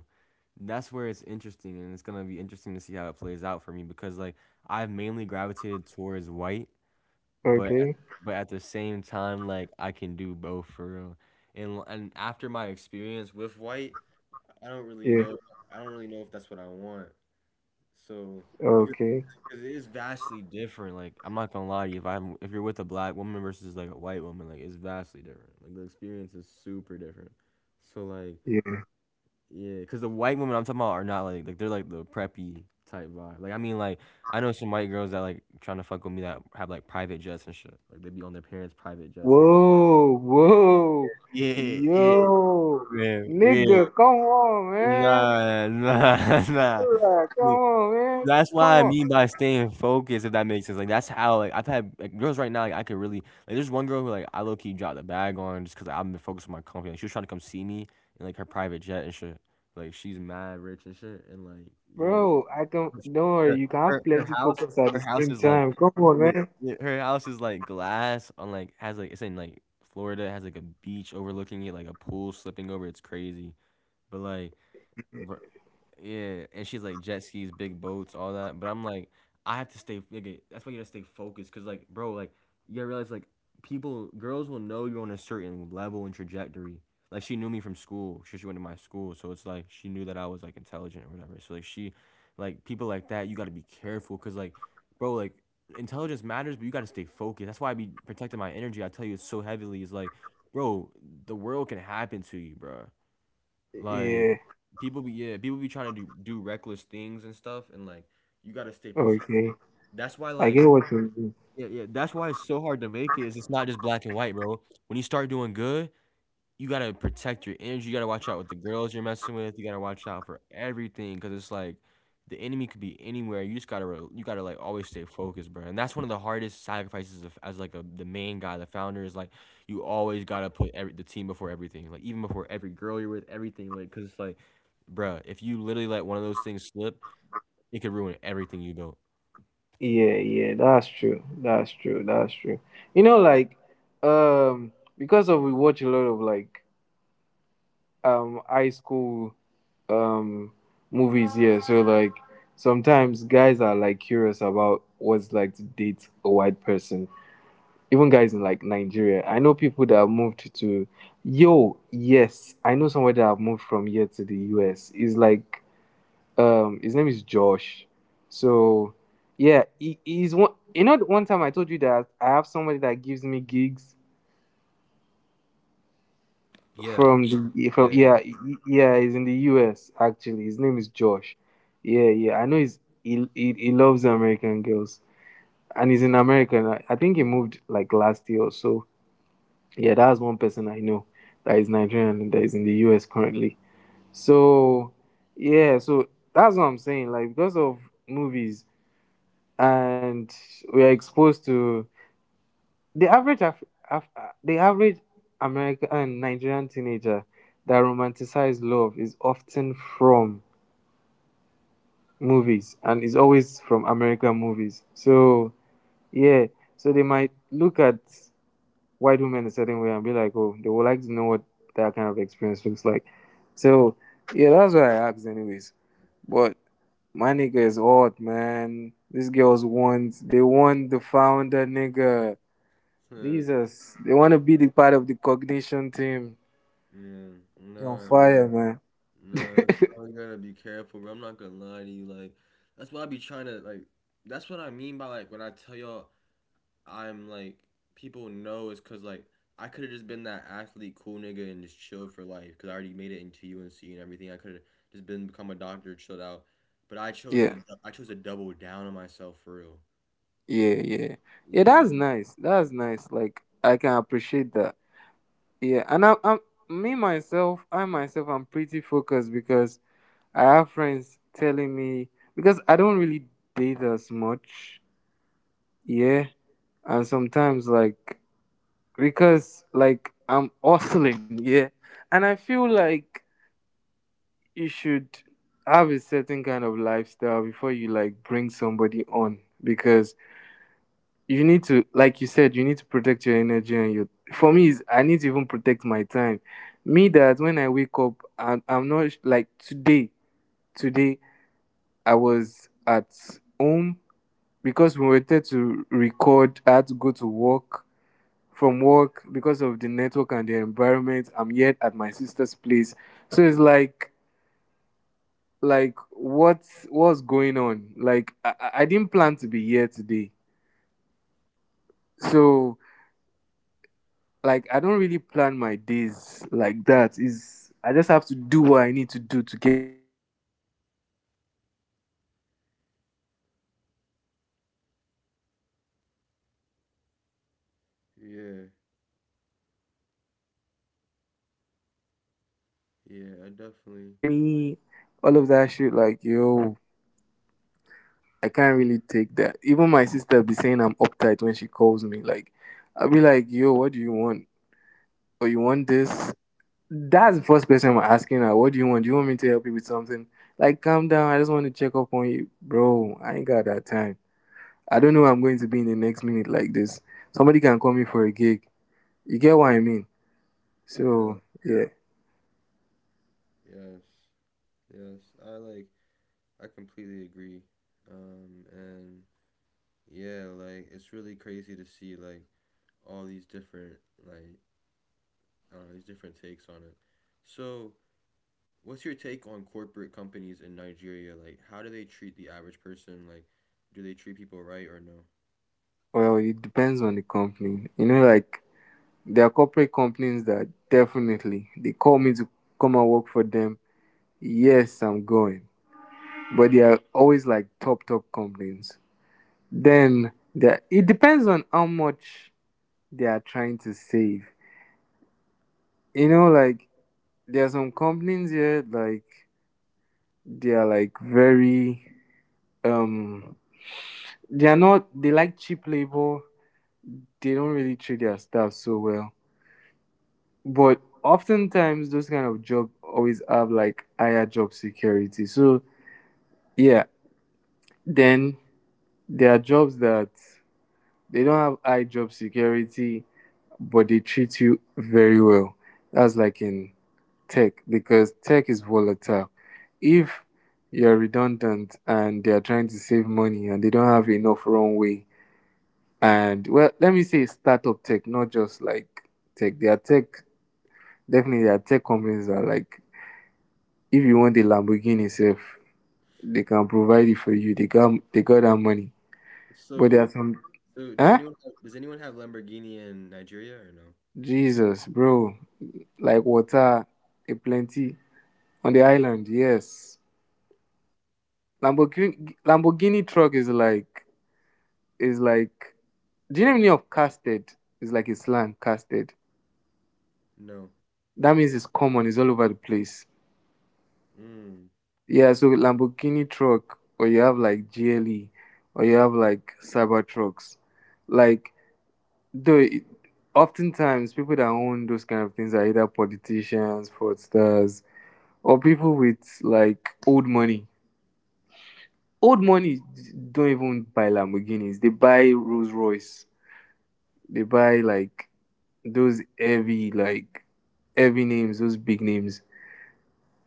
Speaker 1: that's where it's interesting, and it's gonna be interesting to see how it plays out for me because, like, I've mainly gravitated towards white, but
Speaker 2: Okay,
Speaker 1: at the same time, like, I can do both for real. And after my experience with white, I don't really
Speaker 2: yeah,
Speaker 1: know I don't really know if that's what I want. So
Speaker 2: okay,
Speaker 1: 'cause it is vastly different. Like, I'm not gonna lie to you, if you're with a black woman versus, like, a white woman, like, it's vastly different. Like, the experience is super different. So, like,
Speaker 2: yeah.
Speaker 1: yeah, cause the white women I'm talking about are not like they're like the preppy type vibe. Like, I mean, like, I know some white girls that, like, trying to fuck with me that have, like, private jets and shit. Like, they be on their parents' private jets and
Speaker 2: Whoa,
Speaker 1: shit.
Speaker 2: whoa,
Speaker 1: Yeah, yeah,
Speaker 2: yo,
Speaker 1: yeah, yeah.
Speaker 2: nigga, come on, man.
Speaker 1: Nah, nah, nah.
Speaker 2: Alright, come on, man.
Speaker 1: That's what
Speaker 2: Come
Speaker 1: I
Speaker 2: on,
Speaker 1: mean by staying focused, if that makes sense. Like, that's how, like, I've had, like, girls right now, like, I could really like there's one girl who, like, I low key dropped the bag on just because I've been focused on my company. Like, she was trying to come see me in, like, her private jet and shit. Like, she's mad rich and shit. And, like, yeah,
Speaker 2: bro. I can.
Speaker 1: like,
Speaker 2: Don't
Speaker 1: her
Speaker 2: worry. You can have
Speaker 1: her
Speaker 2: plenty
Speaker 1: house
Speaker 2: focus at the same
Speaker 1: is like,
Speaker 2: time. Come on,
Speaker 1: yeah,
Speaker 2: man.
Speaker 1: yeah, her house is like glass on like has like it's in like Florida. It has, like, a beach overlooking it, like a pool slipping over. It's crazy. But, like, Bru, yeah, and she's like jet skis, big boats, all that. But I'm like, I have to stay. Nigga, that's why you gotta stay focused, cause, like, bro, like, you gotta realize, like, people, girls will know you're on a certain level and trajectory. Like, she knew me from school, she went to my school, so it's like she knew that I was, like, intelligent or whatever. So, like, she, like, people like that, you gotta be careful, cause, like, bro, like, intelligence matters, but you gotta stay focused. That's why I be protecting my energy. I tell you, it's so heavily. It's like, bro, the world can happen to you, bro. Like,
Speaker 2: Yeah.
Speaker 1: people be trying to do reckless things and stuff, and, like, you gotta stay protected.
Speaker 2: Okay.
Speaker 1: That's why,
Speaker 2: I
Speaker 1: like,
Speaker 2: get what you mean.
Speaker 1: yeah, yeah, that's why it's so hard to make it is it's not just black and white, bro. When you start doing good, you gotta protect your energy. You gotta watch out with the girls you're messing with. You gotta watch out for everything because it's like the enemy could be anywhere. You just gotta you gotta, like, always stay focused, bro. And that's one of the hardest sacrifices of, as like a the main guy, the founder, is like you always gotta put the team before everything, like even before every girl you're with, everything, like because it's like, bro, if you literally let one of those things slip, it could ruin everything you built.
Speaker 2: Yeah, yeah, that's true. That's true. That's true. You know, like, um, because of we watch a lot of like high school um movies here, so like sometimes guys are like curious about what's like to date a white person. Even guys in like Nigeria. I know people that have moved to, yo, yes. I know somebody that have moved from here to the US. It's like his name is Josh. So yeah, he's one, you know, the one time I told you that I have somebody that gives me gigs
Speaker 1: Yeah,
Speaker 2: from the
Speaker 1: yeah,
Speaker 2: from yeah, yeah, he's in the US actually. His name is Josh. Yeah, yeah. I know he's he loves American girls and he's in America. I think he moved like last year or so. Yeah, that's one person I know that is Nigerian and that is in the US currently. So yeah, so that's what I'm saying. Like because of movies, and we are exposed to the average the average American and Nigerian teenager that romanticizes love is often from movies and is always from American movies. So yeah, so they might look at white women a certain way and be like, oh, they would like to know what that kind of experience looks like. So yeah, that's what I asked anyways. But my nigga is hot, man. These girls want, they want the founder nigga.
Speaker 1: yeah.
Speaker 2: Jesus, they want to be the part of the cognition team.
Speaker 1: Yeah.
Speaker 2: You're on
Speaker 1: Nah,
Speaker 2: fire,
Speaker 1: bro.
Speaker 2: man.
Speaker 1: Nah, so you gotta be careful, bro. I'm not gonna lie to you. Like, that's what I be trying to like. That's what I mean by, like, when I tell y'all, I'm like, people know is cause, like, I could have just been that athlete, cool nigga, and just chilled for life. Cause I already made it into UNC and everything. I could have just been become a doctor, chilled out. But I chose
Speaker 2: Yeah,
Speaker 1: to double down on myself for real.
Speaker 2: yeah, yeah, yeah.
Speaker 1: Yeah,
Speaker 2: That's nice. That's nice. Like I can appreciate that. Yeah, and I'm me myself. I myself, I'm pretty focused because I have friends telling me because I don't really date as much. Yeah, and sometimes like because like I'm hustling. Yeah, and I feel like you should have a certain kind of lifestyle before you like bring somebody on, because you need to, like you said, you need to protect your energy and your, for me is I need to even protect my time. Me, that when I wake up and I'm not like today, I was at home because we wanted to record. I had to go to work from work because of the network and the environment I'm yet at my sister's place. So it's like what's going on? Like, I didn't plan to be here today, so like I don't really plan my days like that, is I just have to do what I need to do to get what I need to get done. So I'm just looking at next year will be like a more planned year for me so that I can get
Speaker 1: yeah,
Speaker 2: stuff done. So it's like having to undo that, then someone is calling you, I'm like, you
Speaker 1: yeah. I
Speaker 2: haven't checked up
Speaker 1: definitely.
Speaker 2: on me, all of that shit, like, yo, I can't really take that. Even my sister be saying I'm uptight when she calls me. Like, I'll be like, yo, what do you want? Or you want this? That's the first person I'm asking her. What do you want? Do you want me to help you with something? Like, calm down. I just want to check up on you. Bro, I ain't got that time. I don't know where I'm going to be in the next minute like this. Somebody can call me for a gig. You get what I mean?
Speaker 1: Yeah,
Speaker 2: So, yeah.
Speaker 1: yes, yes. I like. I completely agree. And Yeah, like, it's really crazy to see, like, all these different like I don't know, these different takes on it. So, what's your take on corporate companies in Nigeria? Like, how do they treat the average person? Like, do they treat people right or no?
Speaker 2: Well, it depends on the company. You know, like, there are corporate companies that definitely they call me to come and work for them, yes, I'm going. But they are always like top, top companies. Then it depends on how much they are trying to save. You know, like there are some companies here, like they are like very, um, they are not, they like cheap labor. They don't really treat their staff so well. But oftentimes those kind of job always have like higher job security. So yeah, then there are jobs that they don't have high job security, but they treat you very well. That's like in tech, because tech is volatile. If you're redundant and they are trying to save money and they don't have enough runway, and well, let me say startup tech, not just like tech. Definitely there are tech companies that are like, if you want a Lamborghini, safe, they can provide it for you. They got that money,
Speaker 1: So
Speaker 2: but there are
Speaker 1: who?
Speaker 2: some,
Speaker 1: So
Speaker 2: huh?
Speaker 1: does anyone have Lamborghini in Nigeria or no?
Speaker 2: Jesus, bro. Like water, a plenty on the island, yes. Lamborghini truck is like, is like, do you know the meaning of casted? It's like a slang, casted.
Speaker 1: No.
Speaker 2: That means it's common, it's all over the place.
Speaker 1: Mm.
Speaker 2: Yeah, so Lamborghini truck, or you have like GLE, or you have like Cyber trucks, like, though it, oftentimes people that own those kind of things are either politicians, fraudsters, or people with like old money. Old money don't even buy Lamborghinis. They buy Rolls Royce. They buy like those heavy, like heavy names, those big names.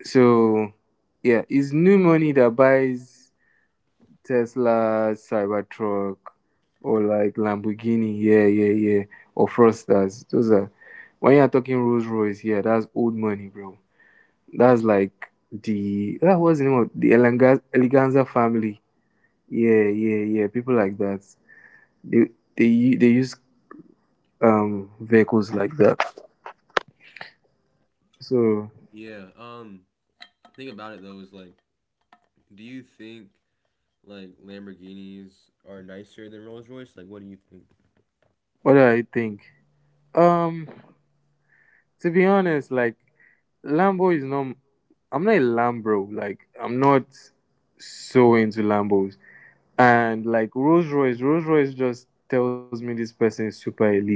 Speaker 2: So yeah, it's new money that buys Tesla, Cybertruck, or like Lamborghini. Yeah, yeah, yeah. Or Frosters. Those are, when you are talking Rolls Royce, yeah, that's old money, bro. That's like the, that was the name of the Eleganza family. Yeah, yeah, yeah. People like that. They they they use vehicles like that. So,
Speaker 1: Yeah. Thing about it though is like, do you think, like, Lamborghinis are nicer than Rolls Royce? Like, what do you think?
Speaker 2: what do I think? Um, to be honest, like Lambo is not. I'm not a Lambro. Like I'm not so into Lambos. And like Rolls Royce, Rolls Royce just tells me this person is super elite.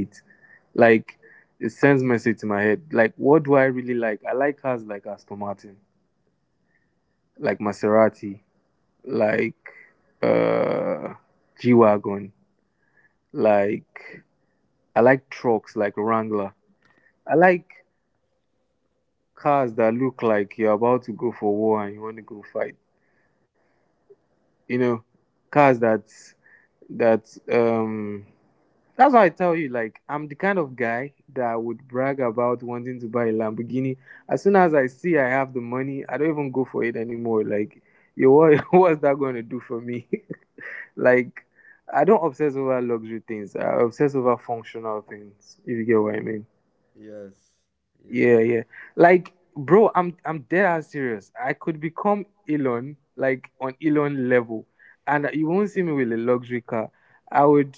Speaker 2: Like it sends message to my head. Like what do I really like? I like cars like Aston Martin, like Maserati, like uh G wagon. Like I like trucks like Wrangler. I like cars that look like you're about to go for war and you want to go fight. You know, cars that that um that's why I tell you like I'm the kind of guy that would brag about wanting to buy a Lamborghini. As soon as I see I have the money, I don't even go for it anymore. Like, yo, what, what's that going to do for me? Like, I don't obsess over luxury things. I obsess over functional things. If you get what I mean.
Speaker 1: Yes. Yes.
Speaker 2: Yeah, yeah. Like, bro, I'm dead ass serious. I could become Elon, like on Elon level, and you won't see me with a luxury car. I would.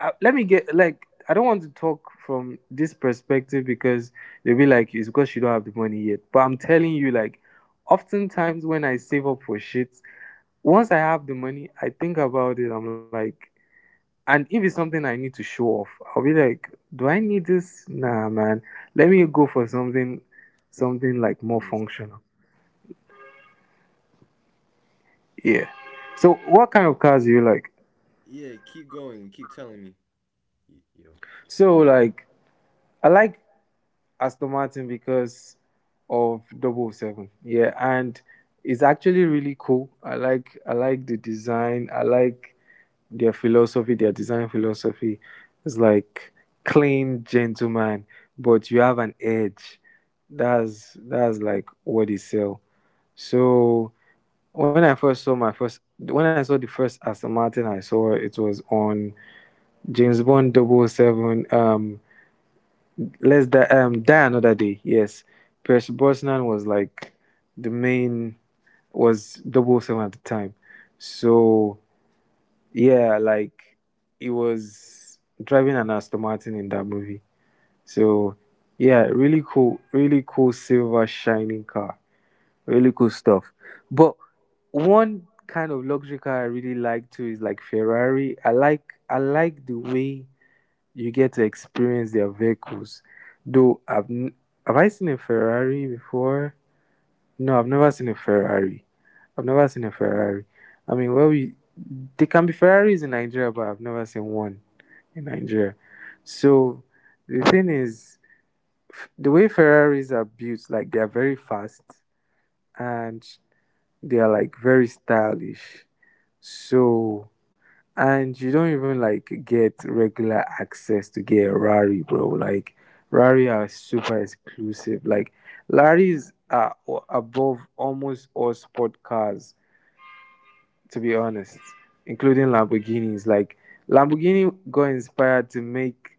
Speaker 2: Let me get like. I don't want to talk from this perspective because they'll be like, it's because you don't have the money yet. But I'm telling you, like, oftentimes when I save up for shit, once I have the money, I think about it. I'm like. And if it's something I need to show off, I'll be like, do I need this? Nah, man. Let me go for something, something like more functional. Yeah. So, what kind of cars do you like?
Speaker 1: Yeah, keep going and keep telling me. Yo.
Speaker 2: So, like, I like Aston Martin because of double oh 007. Yeah, and it's actually really cool. I like the design. I like their philosophy, their design philosophy. It's like clean gentleman, but you have an edge. That's like what they sell. So when I saw the first Aston Martin I saw, it was on James Bond double oh 007. Die another day. Yes, Pierce Brosnan was like the main, was double seven at the time. So yeah, like he was driving an Aston Martin in that movie. So yeah, really cool, really cool silver shining car. Really cool stuff. But one kind of luxury car I really like too is like Ferrari. I like the way you get to experience their vehicles. Though have I seen a Ferrari before? No, I've never seen a Ferrari. I've never seen a Ferrari. I mean, well, we there can be Ferraris in Nigeria, but I've never seen one in Nigeria. So the thing is, the way Ferraris are built, like they are very fast and they are like very stylish. So, and you don't even like get regular access to get a Rari, bro. Like Rari are super exclusive. Like above almost all sport cars, to be honest, including Lamborghinis. Like Lamborghini got inspired to make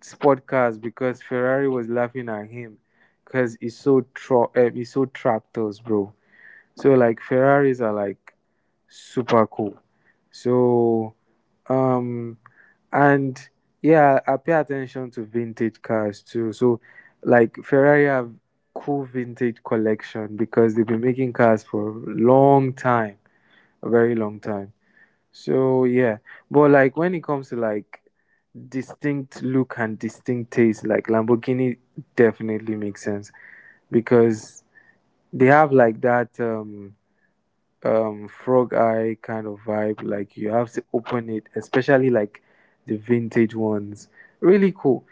Speaker 2: sport cars because Ferrari was laughing at him because he sold tractors, bro. So like Ferraris are like super cool. So um and yeah, I pay attention to vintage cars too. So like Ferrari have cool vintage collection because they've been making cars for a long time, a very long time. So yeah. But like when it comes to like distinct look and distinct taste, like Lamborghini definitely makes sense because they have like that frog eye kind of vibe. Like you have to open it, especially like the vintage ones. Really cool.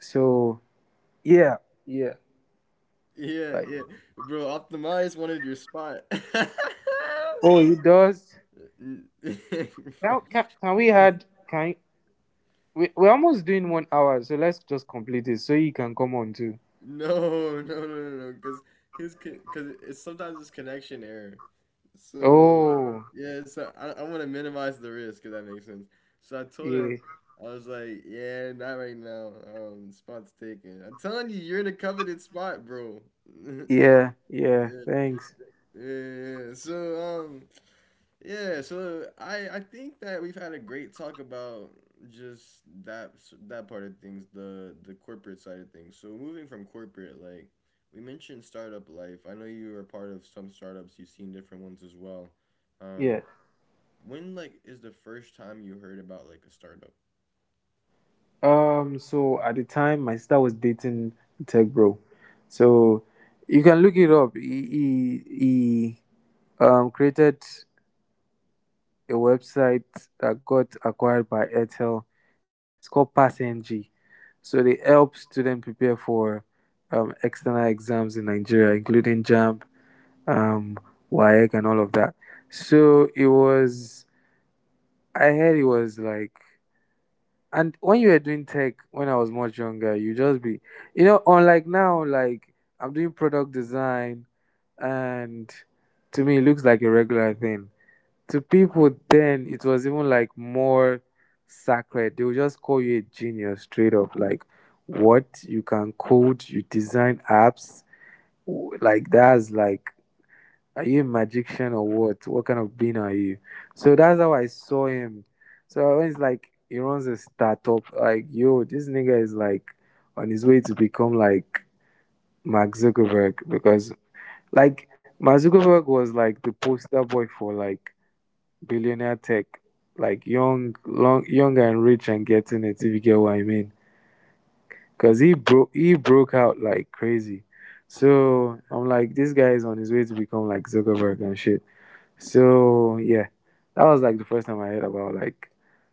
Speaker 2: So yeah, yeah.
Speaker 1: Yeah,
Speaker 2: Like
Speaker 1: yeah. Bro, Optimize wanted your spot.
Speaker 2: oh, it does.
Speaker 1: N-
Speaker 2: Now can we had Can we, we're almost doing 1 hour, so let's just complete it so you can come on too.
Speaker 1: No, no, no, no, no, because his because it's connection error. So,
Speaker 2: Oh
Speaker 1: yeah, so I want to minimize the risk if that makes sense. So I told him,
Speaker 2: yeah,
Speaker 1: I was like, yeah, not right now. Spot's taken. I'm telling you, you're in a coveted spot, bro.
Speaker 2: yeah, yeah.
Speaker 1: Yeah.
Speaker 2: Thanks.
Speaker 1: Yeah. So yeah. So I think that we've had a great talk about just that part of things, the corporate side of things. So moving from corporate, like we mentioned, startup life. I know you were a part of some startups. You've seen different ones as well. Um,
Speaker 2: Yeah.
Speaker 1: when, like, is the first time you heard about, like, a startup?
Speaker 2: So at the time, my sister was dating a tech bro, so you can look it up. He created a website that got acquired by Airtel. It's called PassNG. So they help students prepare for external exams in Nigeria, including JAMB, um, WAEC, and all of that. So it was, I heard it was like, and when you were doing tech when I was much younger, you just be, you know, unlike now, like I'm doing product design, and to me, it looks like a regular thing. To people then, it was even like more sacred. They would just call you a genius straight up, like, what, you can code, you design apps, like, that's like, are you a magician or what kind of being are you? So that's how I saw him. So I was like, he runs a startup, like, yo, this nigga is like on his way to become like Mark Zuckerberg. Because like Mark Zuckerberg was like the poster boy for like billionaire tech, like young, long, young and rich and getting it. If you get what I mean, because he, bro, he broke out like crazy. So I'm like, this guy is on his way to become like Zuckerberg and shit. So yeah, that was like the first time I heard about like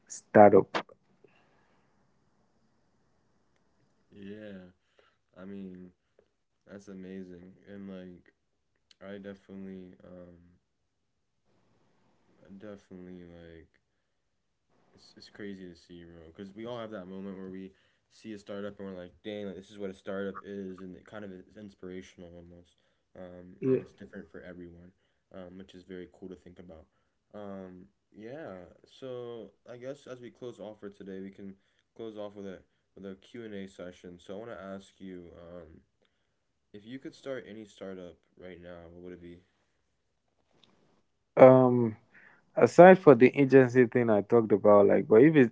Speaker 2: startup.
Speaker 1: Yeah. I mean, that's amazing, and, like, I definitely like it's crazy to see, bro. Because we all have that moment where we see a startup, and we're like, dang, like, this is what a startup is, and it kind of is inspirational almost. And
Speaker 2: Yeah.
Speaker 1: it's different for everyone, which is very cool to think about. Um, yeah. So I guess as we close off for today, we can close off with a Q&A session. So I want to ask you, if you could start any startup right now, what would it be?
Speaker 2: Um, aside for the agency thing I talked about, like, but if it's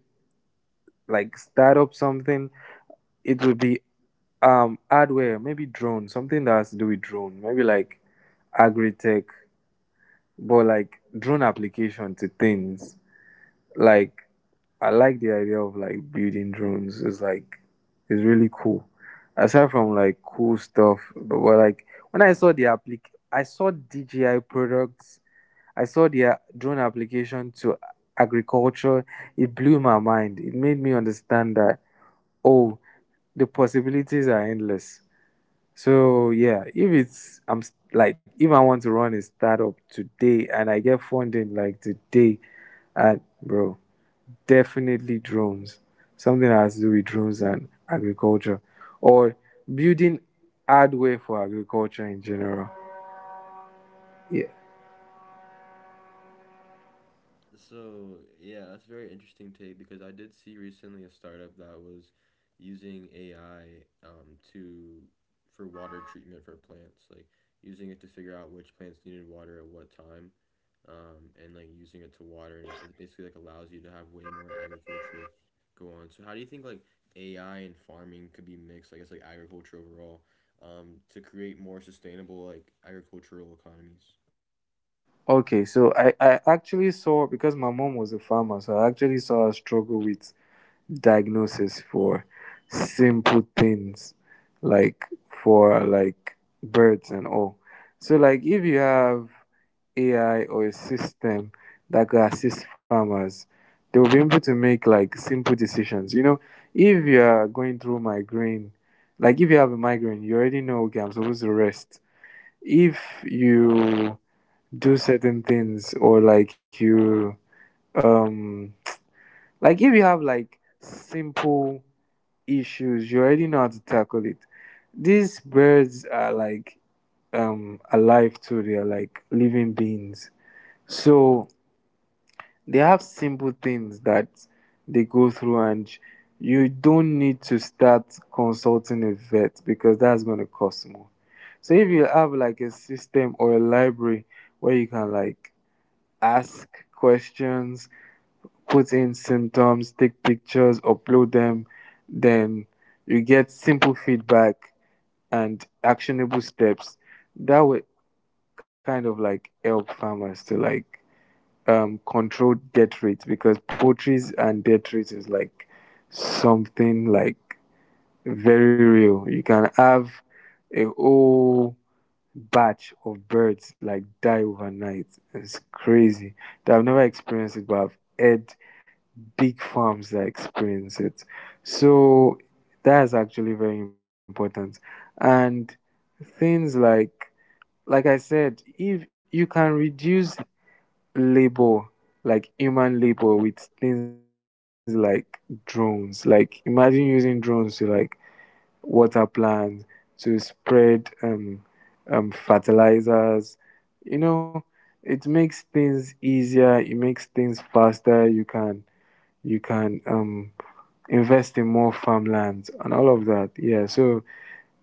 Speaker 2: like startup something, it would be hardware, maybe drone, something that has to do with drone, maybe like agri tech, but like drone application to things. Like, I like the idea of like building drones. It's like it's really cool. Aside from like cool stuff. But well, like when I saw DJI products, I saw their drone application to agriculture. It blew my mind. It made me understand that, oh, the possibilities are endless. So yeah, if it's, like if I want to run a startup today and I get funding like today, and bro, definitely drones. Something that has to do with drones and agriculture, or building hardware for agriculture in general. Yeah.
Speaker 1: So, yeah, that's a very interesting take because I did see recently a startup that was using AI to for water treatment for plants, like, using it to figure out which plants needed water at what time, and, like, using it to water, and it basically, like, allows you to have way more agriculture go on. So how do you think, like, AI and farming could be mixed? I guess, like, agriculture overall, to create more sustainable, like, agricultural economies.
Speaker 2: Okay, so I actually saw, because my mom was a farmer, so I actually saw her struggle with diagnosis for simple things, like for like birds and all. So like if you have AI or a system that could assist farmers, they will be able to make like simple decisions. You know, if you are going through migraine, like if you have a migraine, you already know, okay, I'm supposed to rest. If you do certain things, or like you um like if you have like simple issues, you already know how to tackle it. These birds are like alive too, they are like living beings. So they have simple things that they go through, and you don't need to start consulting a vet because that's going to cost more. So if you have like a system or a library where you can like ask questions, put in symptoms, take pictures, upload them, then you get simple feedback and actionable steps that would kind of like help farmers to like control death rates. Because poultry and death rates is like something like very real. You can have a whole batch of birds like die overnight. It's crazy. I've never experienced it, but I've heard big farms that experience it. So that is actually very important. And things like I said, if you can reduce labor, like human labor, with things like drones, like imagine using drones to like water plants, to spread fertilizers, you know, it makes things easier. It makes things faster. You can, you can um invest in more farmlands and all of that. Yeah. So,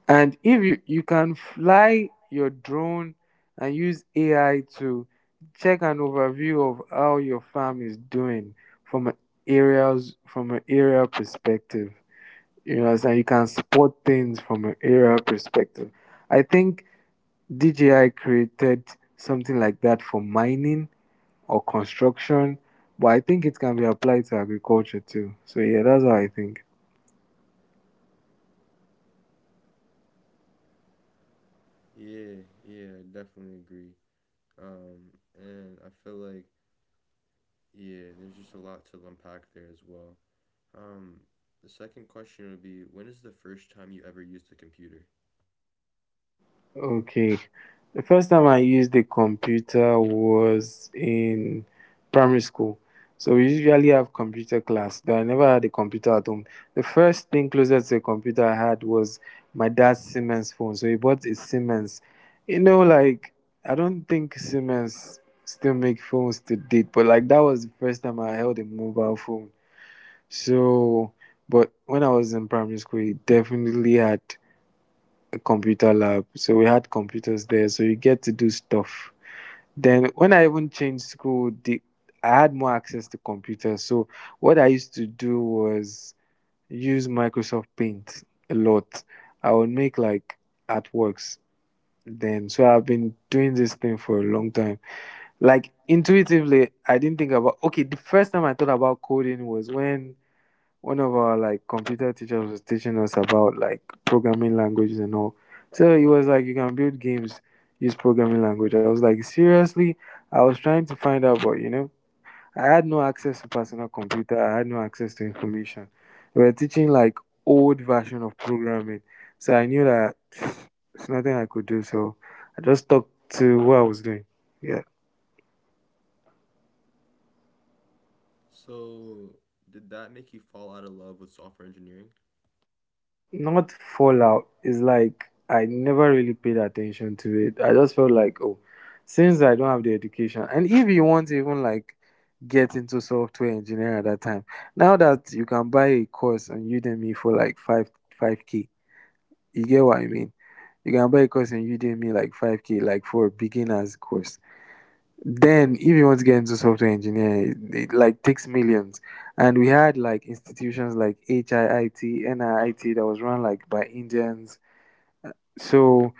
Speaker 2: and if you, you can fly your drone and use AI to check an overview of how your farm is doing from an areas from an area perspective. You know, and you can spot things from an area perspective. I think DJI created something like that for mining or construction, but I think it can be applied to agriculture too. So yeah, that's how I think.
Speaker 1: Yeah, yeah, I definitely agree. Um, and I feel like, yeah, there's just a lot to unpack there as well. Um, the second question would be when is the first time you ever used a computer?
Speaker 2: Okay. The first time I used a computer was in primary school. So we usually have computer class, but I never had a computer at home. The first thing closest to a computer I had was my dad's Siemens phone. So he bought a Siemens. You know, like I don't think Siemens still make phones to date, but like that was the first time I held a mobile phone. So, but when I was in primary school, it definitely had computer lab. So we had computers there. So you get to do stuff. Then when I even changed school, the I had more access to computers. So what I used to do was use Microsoft Paint a lot. I would make like artworks then. So I've been doing this thing for a long time. Like intuitively, I didn't think about, okay, the first time I thought about coding was when one of our like computer teachers was teaching us about like programming languages and all. So he was like, you can build games, use programming language. I was like, seriously? I was trying to find out, but you know, I had no access to personal computer. I had no access to information. They were teaching like old version of programming. So I knew that it's nothing I could do. So I just stuck to what I was doing. Yeah.
Speaker 1: So, did that make you fall out of love with software engineering?
Speaker 2: Not Fallout. It's like I never really paid attention to it. I just felt like, oh, since I don't have the education, and if you want to even like get into software engineering at that time, now that you can buy a course on Udemy for like 5K, you get what I mean. You can buy a course on Udemy like 5K, like for a beginners course. Then, if you want to get into software engineering, it like takes millions. And we had like institutions like HIIT, NIIT, that was run like by Indians. So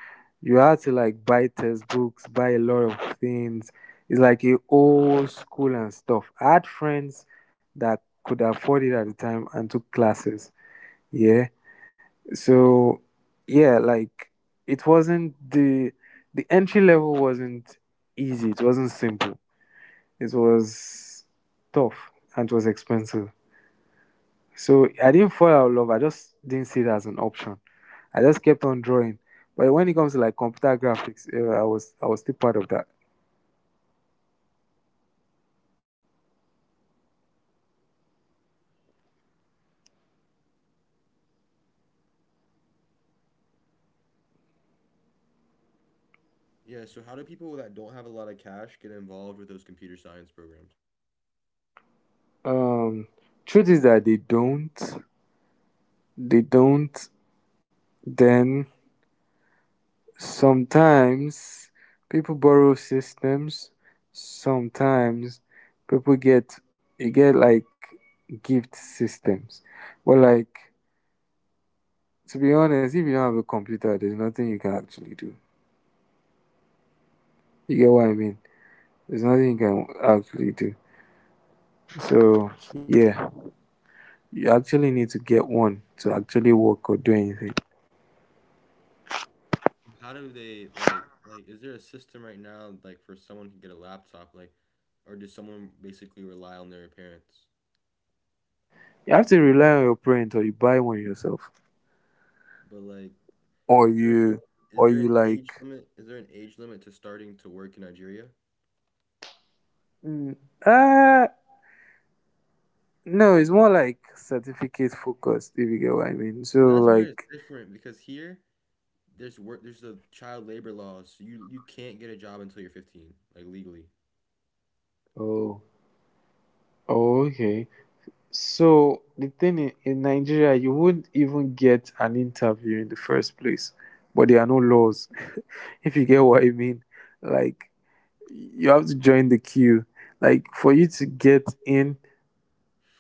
Speaker 2: you had to like buy textbooks, buy a lot of things. It's like a old school and stuff. I had friends that could afford it at the time and took classes. Yeah. So yeah, like it wasn't the entry level wasn't easy. It wasn't simple, it was tough and it was expensive. So I didn't fall out of love. I just didn't see it as an option. I just kept on drawing. But when it comes to like computer graphics, I was still part of that.
Speaker 1: Yeah, so how do people that don't have a lot of cash get involved with those computer science programs?
Speaker 2: Um, truth is that they don't. Then sometimes people borrow systems. Sometimes people get, you get like gift systems, but like to be honest, if you don't have a computer, there's nothing you can actually do. You get what I mean? There's nothing you can actually do. So yeah, you actually need to get one to actually work or do anything.
Speaker 1: How do they like is there a system right now, like, for someone to get a laptop, like, or does someone basically rely on their parents?
Speaker 2: You have to rely on your parents, or you buy one yourself,
Speaker 1: But like
Speaker 2: or
Speaker 1: is there
Speaker 2: you,
Speaker 1: is
Speaker 2: or
Speaker 1: there
Speaker 2: you
Speaker 1: an age
Speaker 2: like,
Speaker 1: limit? Is there an age limit to starting to work in Nigeria?
Speaker 2: mm, uh no, it's more like certificate focused. If you get what I mean.
Speaker 1: So
Speaker 2: So
Speaker 1: that's where it's
Speaker 2: like,
Speaker 1: different because here there's the child labor laws. So you can't get a job until you're 15, like, legally.
Speaker 2: oh, oh, okay. So the thing in Nigeria, you wouldn't even get an interview in the first place, but there are no laws. If you get what I mean, like you have to join the queue. Like for you to get in,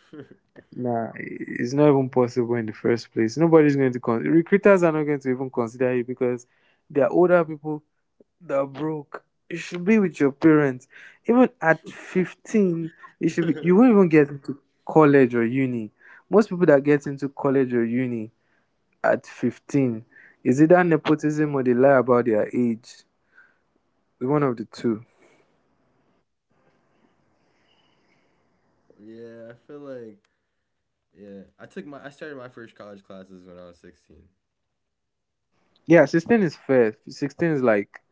Speaker 2: nah, it's not even possible in the first place. Nobody's going to con- Recruiters are not going to even consider you because they are older people, they're broke. You should be with your parents. Even at 15, you won't even get into college or uni. Most people that get into college or uni at 15 is either nepotism or they lie about their age. It's one of the two.
Speaker 1: Yeah, I feel like, yeah. I started my first college classes when I was 16.
Speaker 2: Yeah, 16 is fair. 16 is like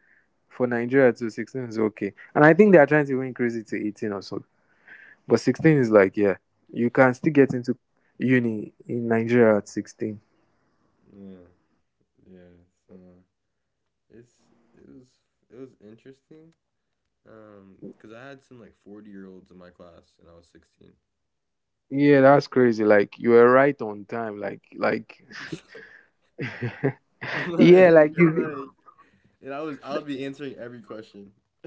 Speaker 2: for Nigeria too, 16 is okay. And I think they are trying to even increase it to 18 or so. But 16 is like, yeah, you can still get into uni in Nigeria at 16.
Speaker 1: Yeah. Yeah. So it's it was interesting. 'Cause I had some like 40-year-olds in my class, and I was 16.
Speaker 2: Yeah, that's crazy. Like you were right on time. Like
Speaker 1: Like,
Speaker 2: yeah, like you
Speaker 1: like And I would be answering every question.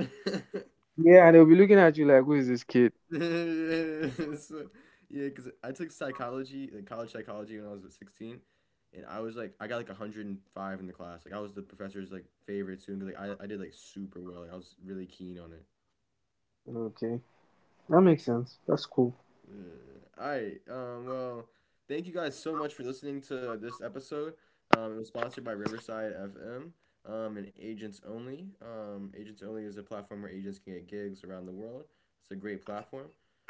Speaker 2: yeah, and they'll be looking at you, like, who is this kid?
Speaker 1: So, yeah, because I took psychology, like college psychology, when I was at 16, and I was like, I got like 105 in the class. Like, I was the professor's, like, favorite student. 'Cause, like, I did, like, super well. Like, I was really keen on it.
Speaker 2: Okay, that makes sense. That's cool.
Speaker 1: All right. Well, thank you guys so much for listening to this episode. It was sponsored by Riverside FM and Agents Only. Agents Only is a platform where agents can get gigs around the world. It's a great platform.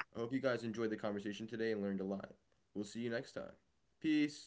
Speaker 1: I hope you guys enjoyed the conversation today and learned a lot. We'll see you next time. Peace.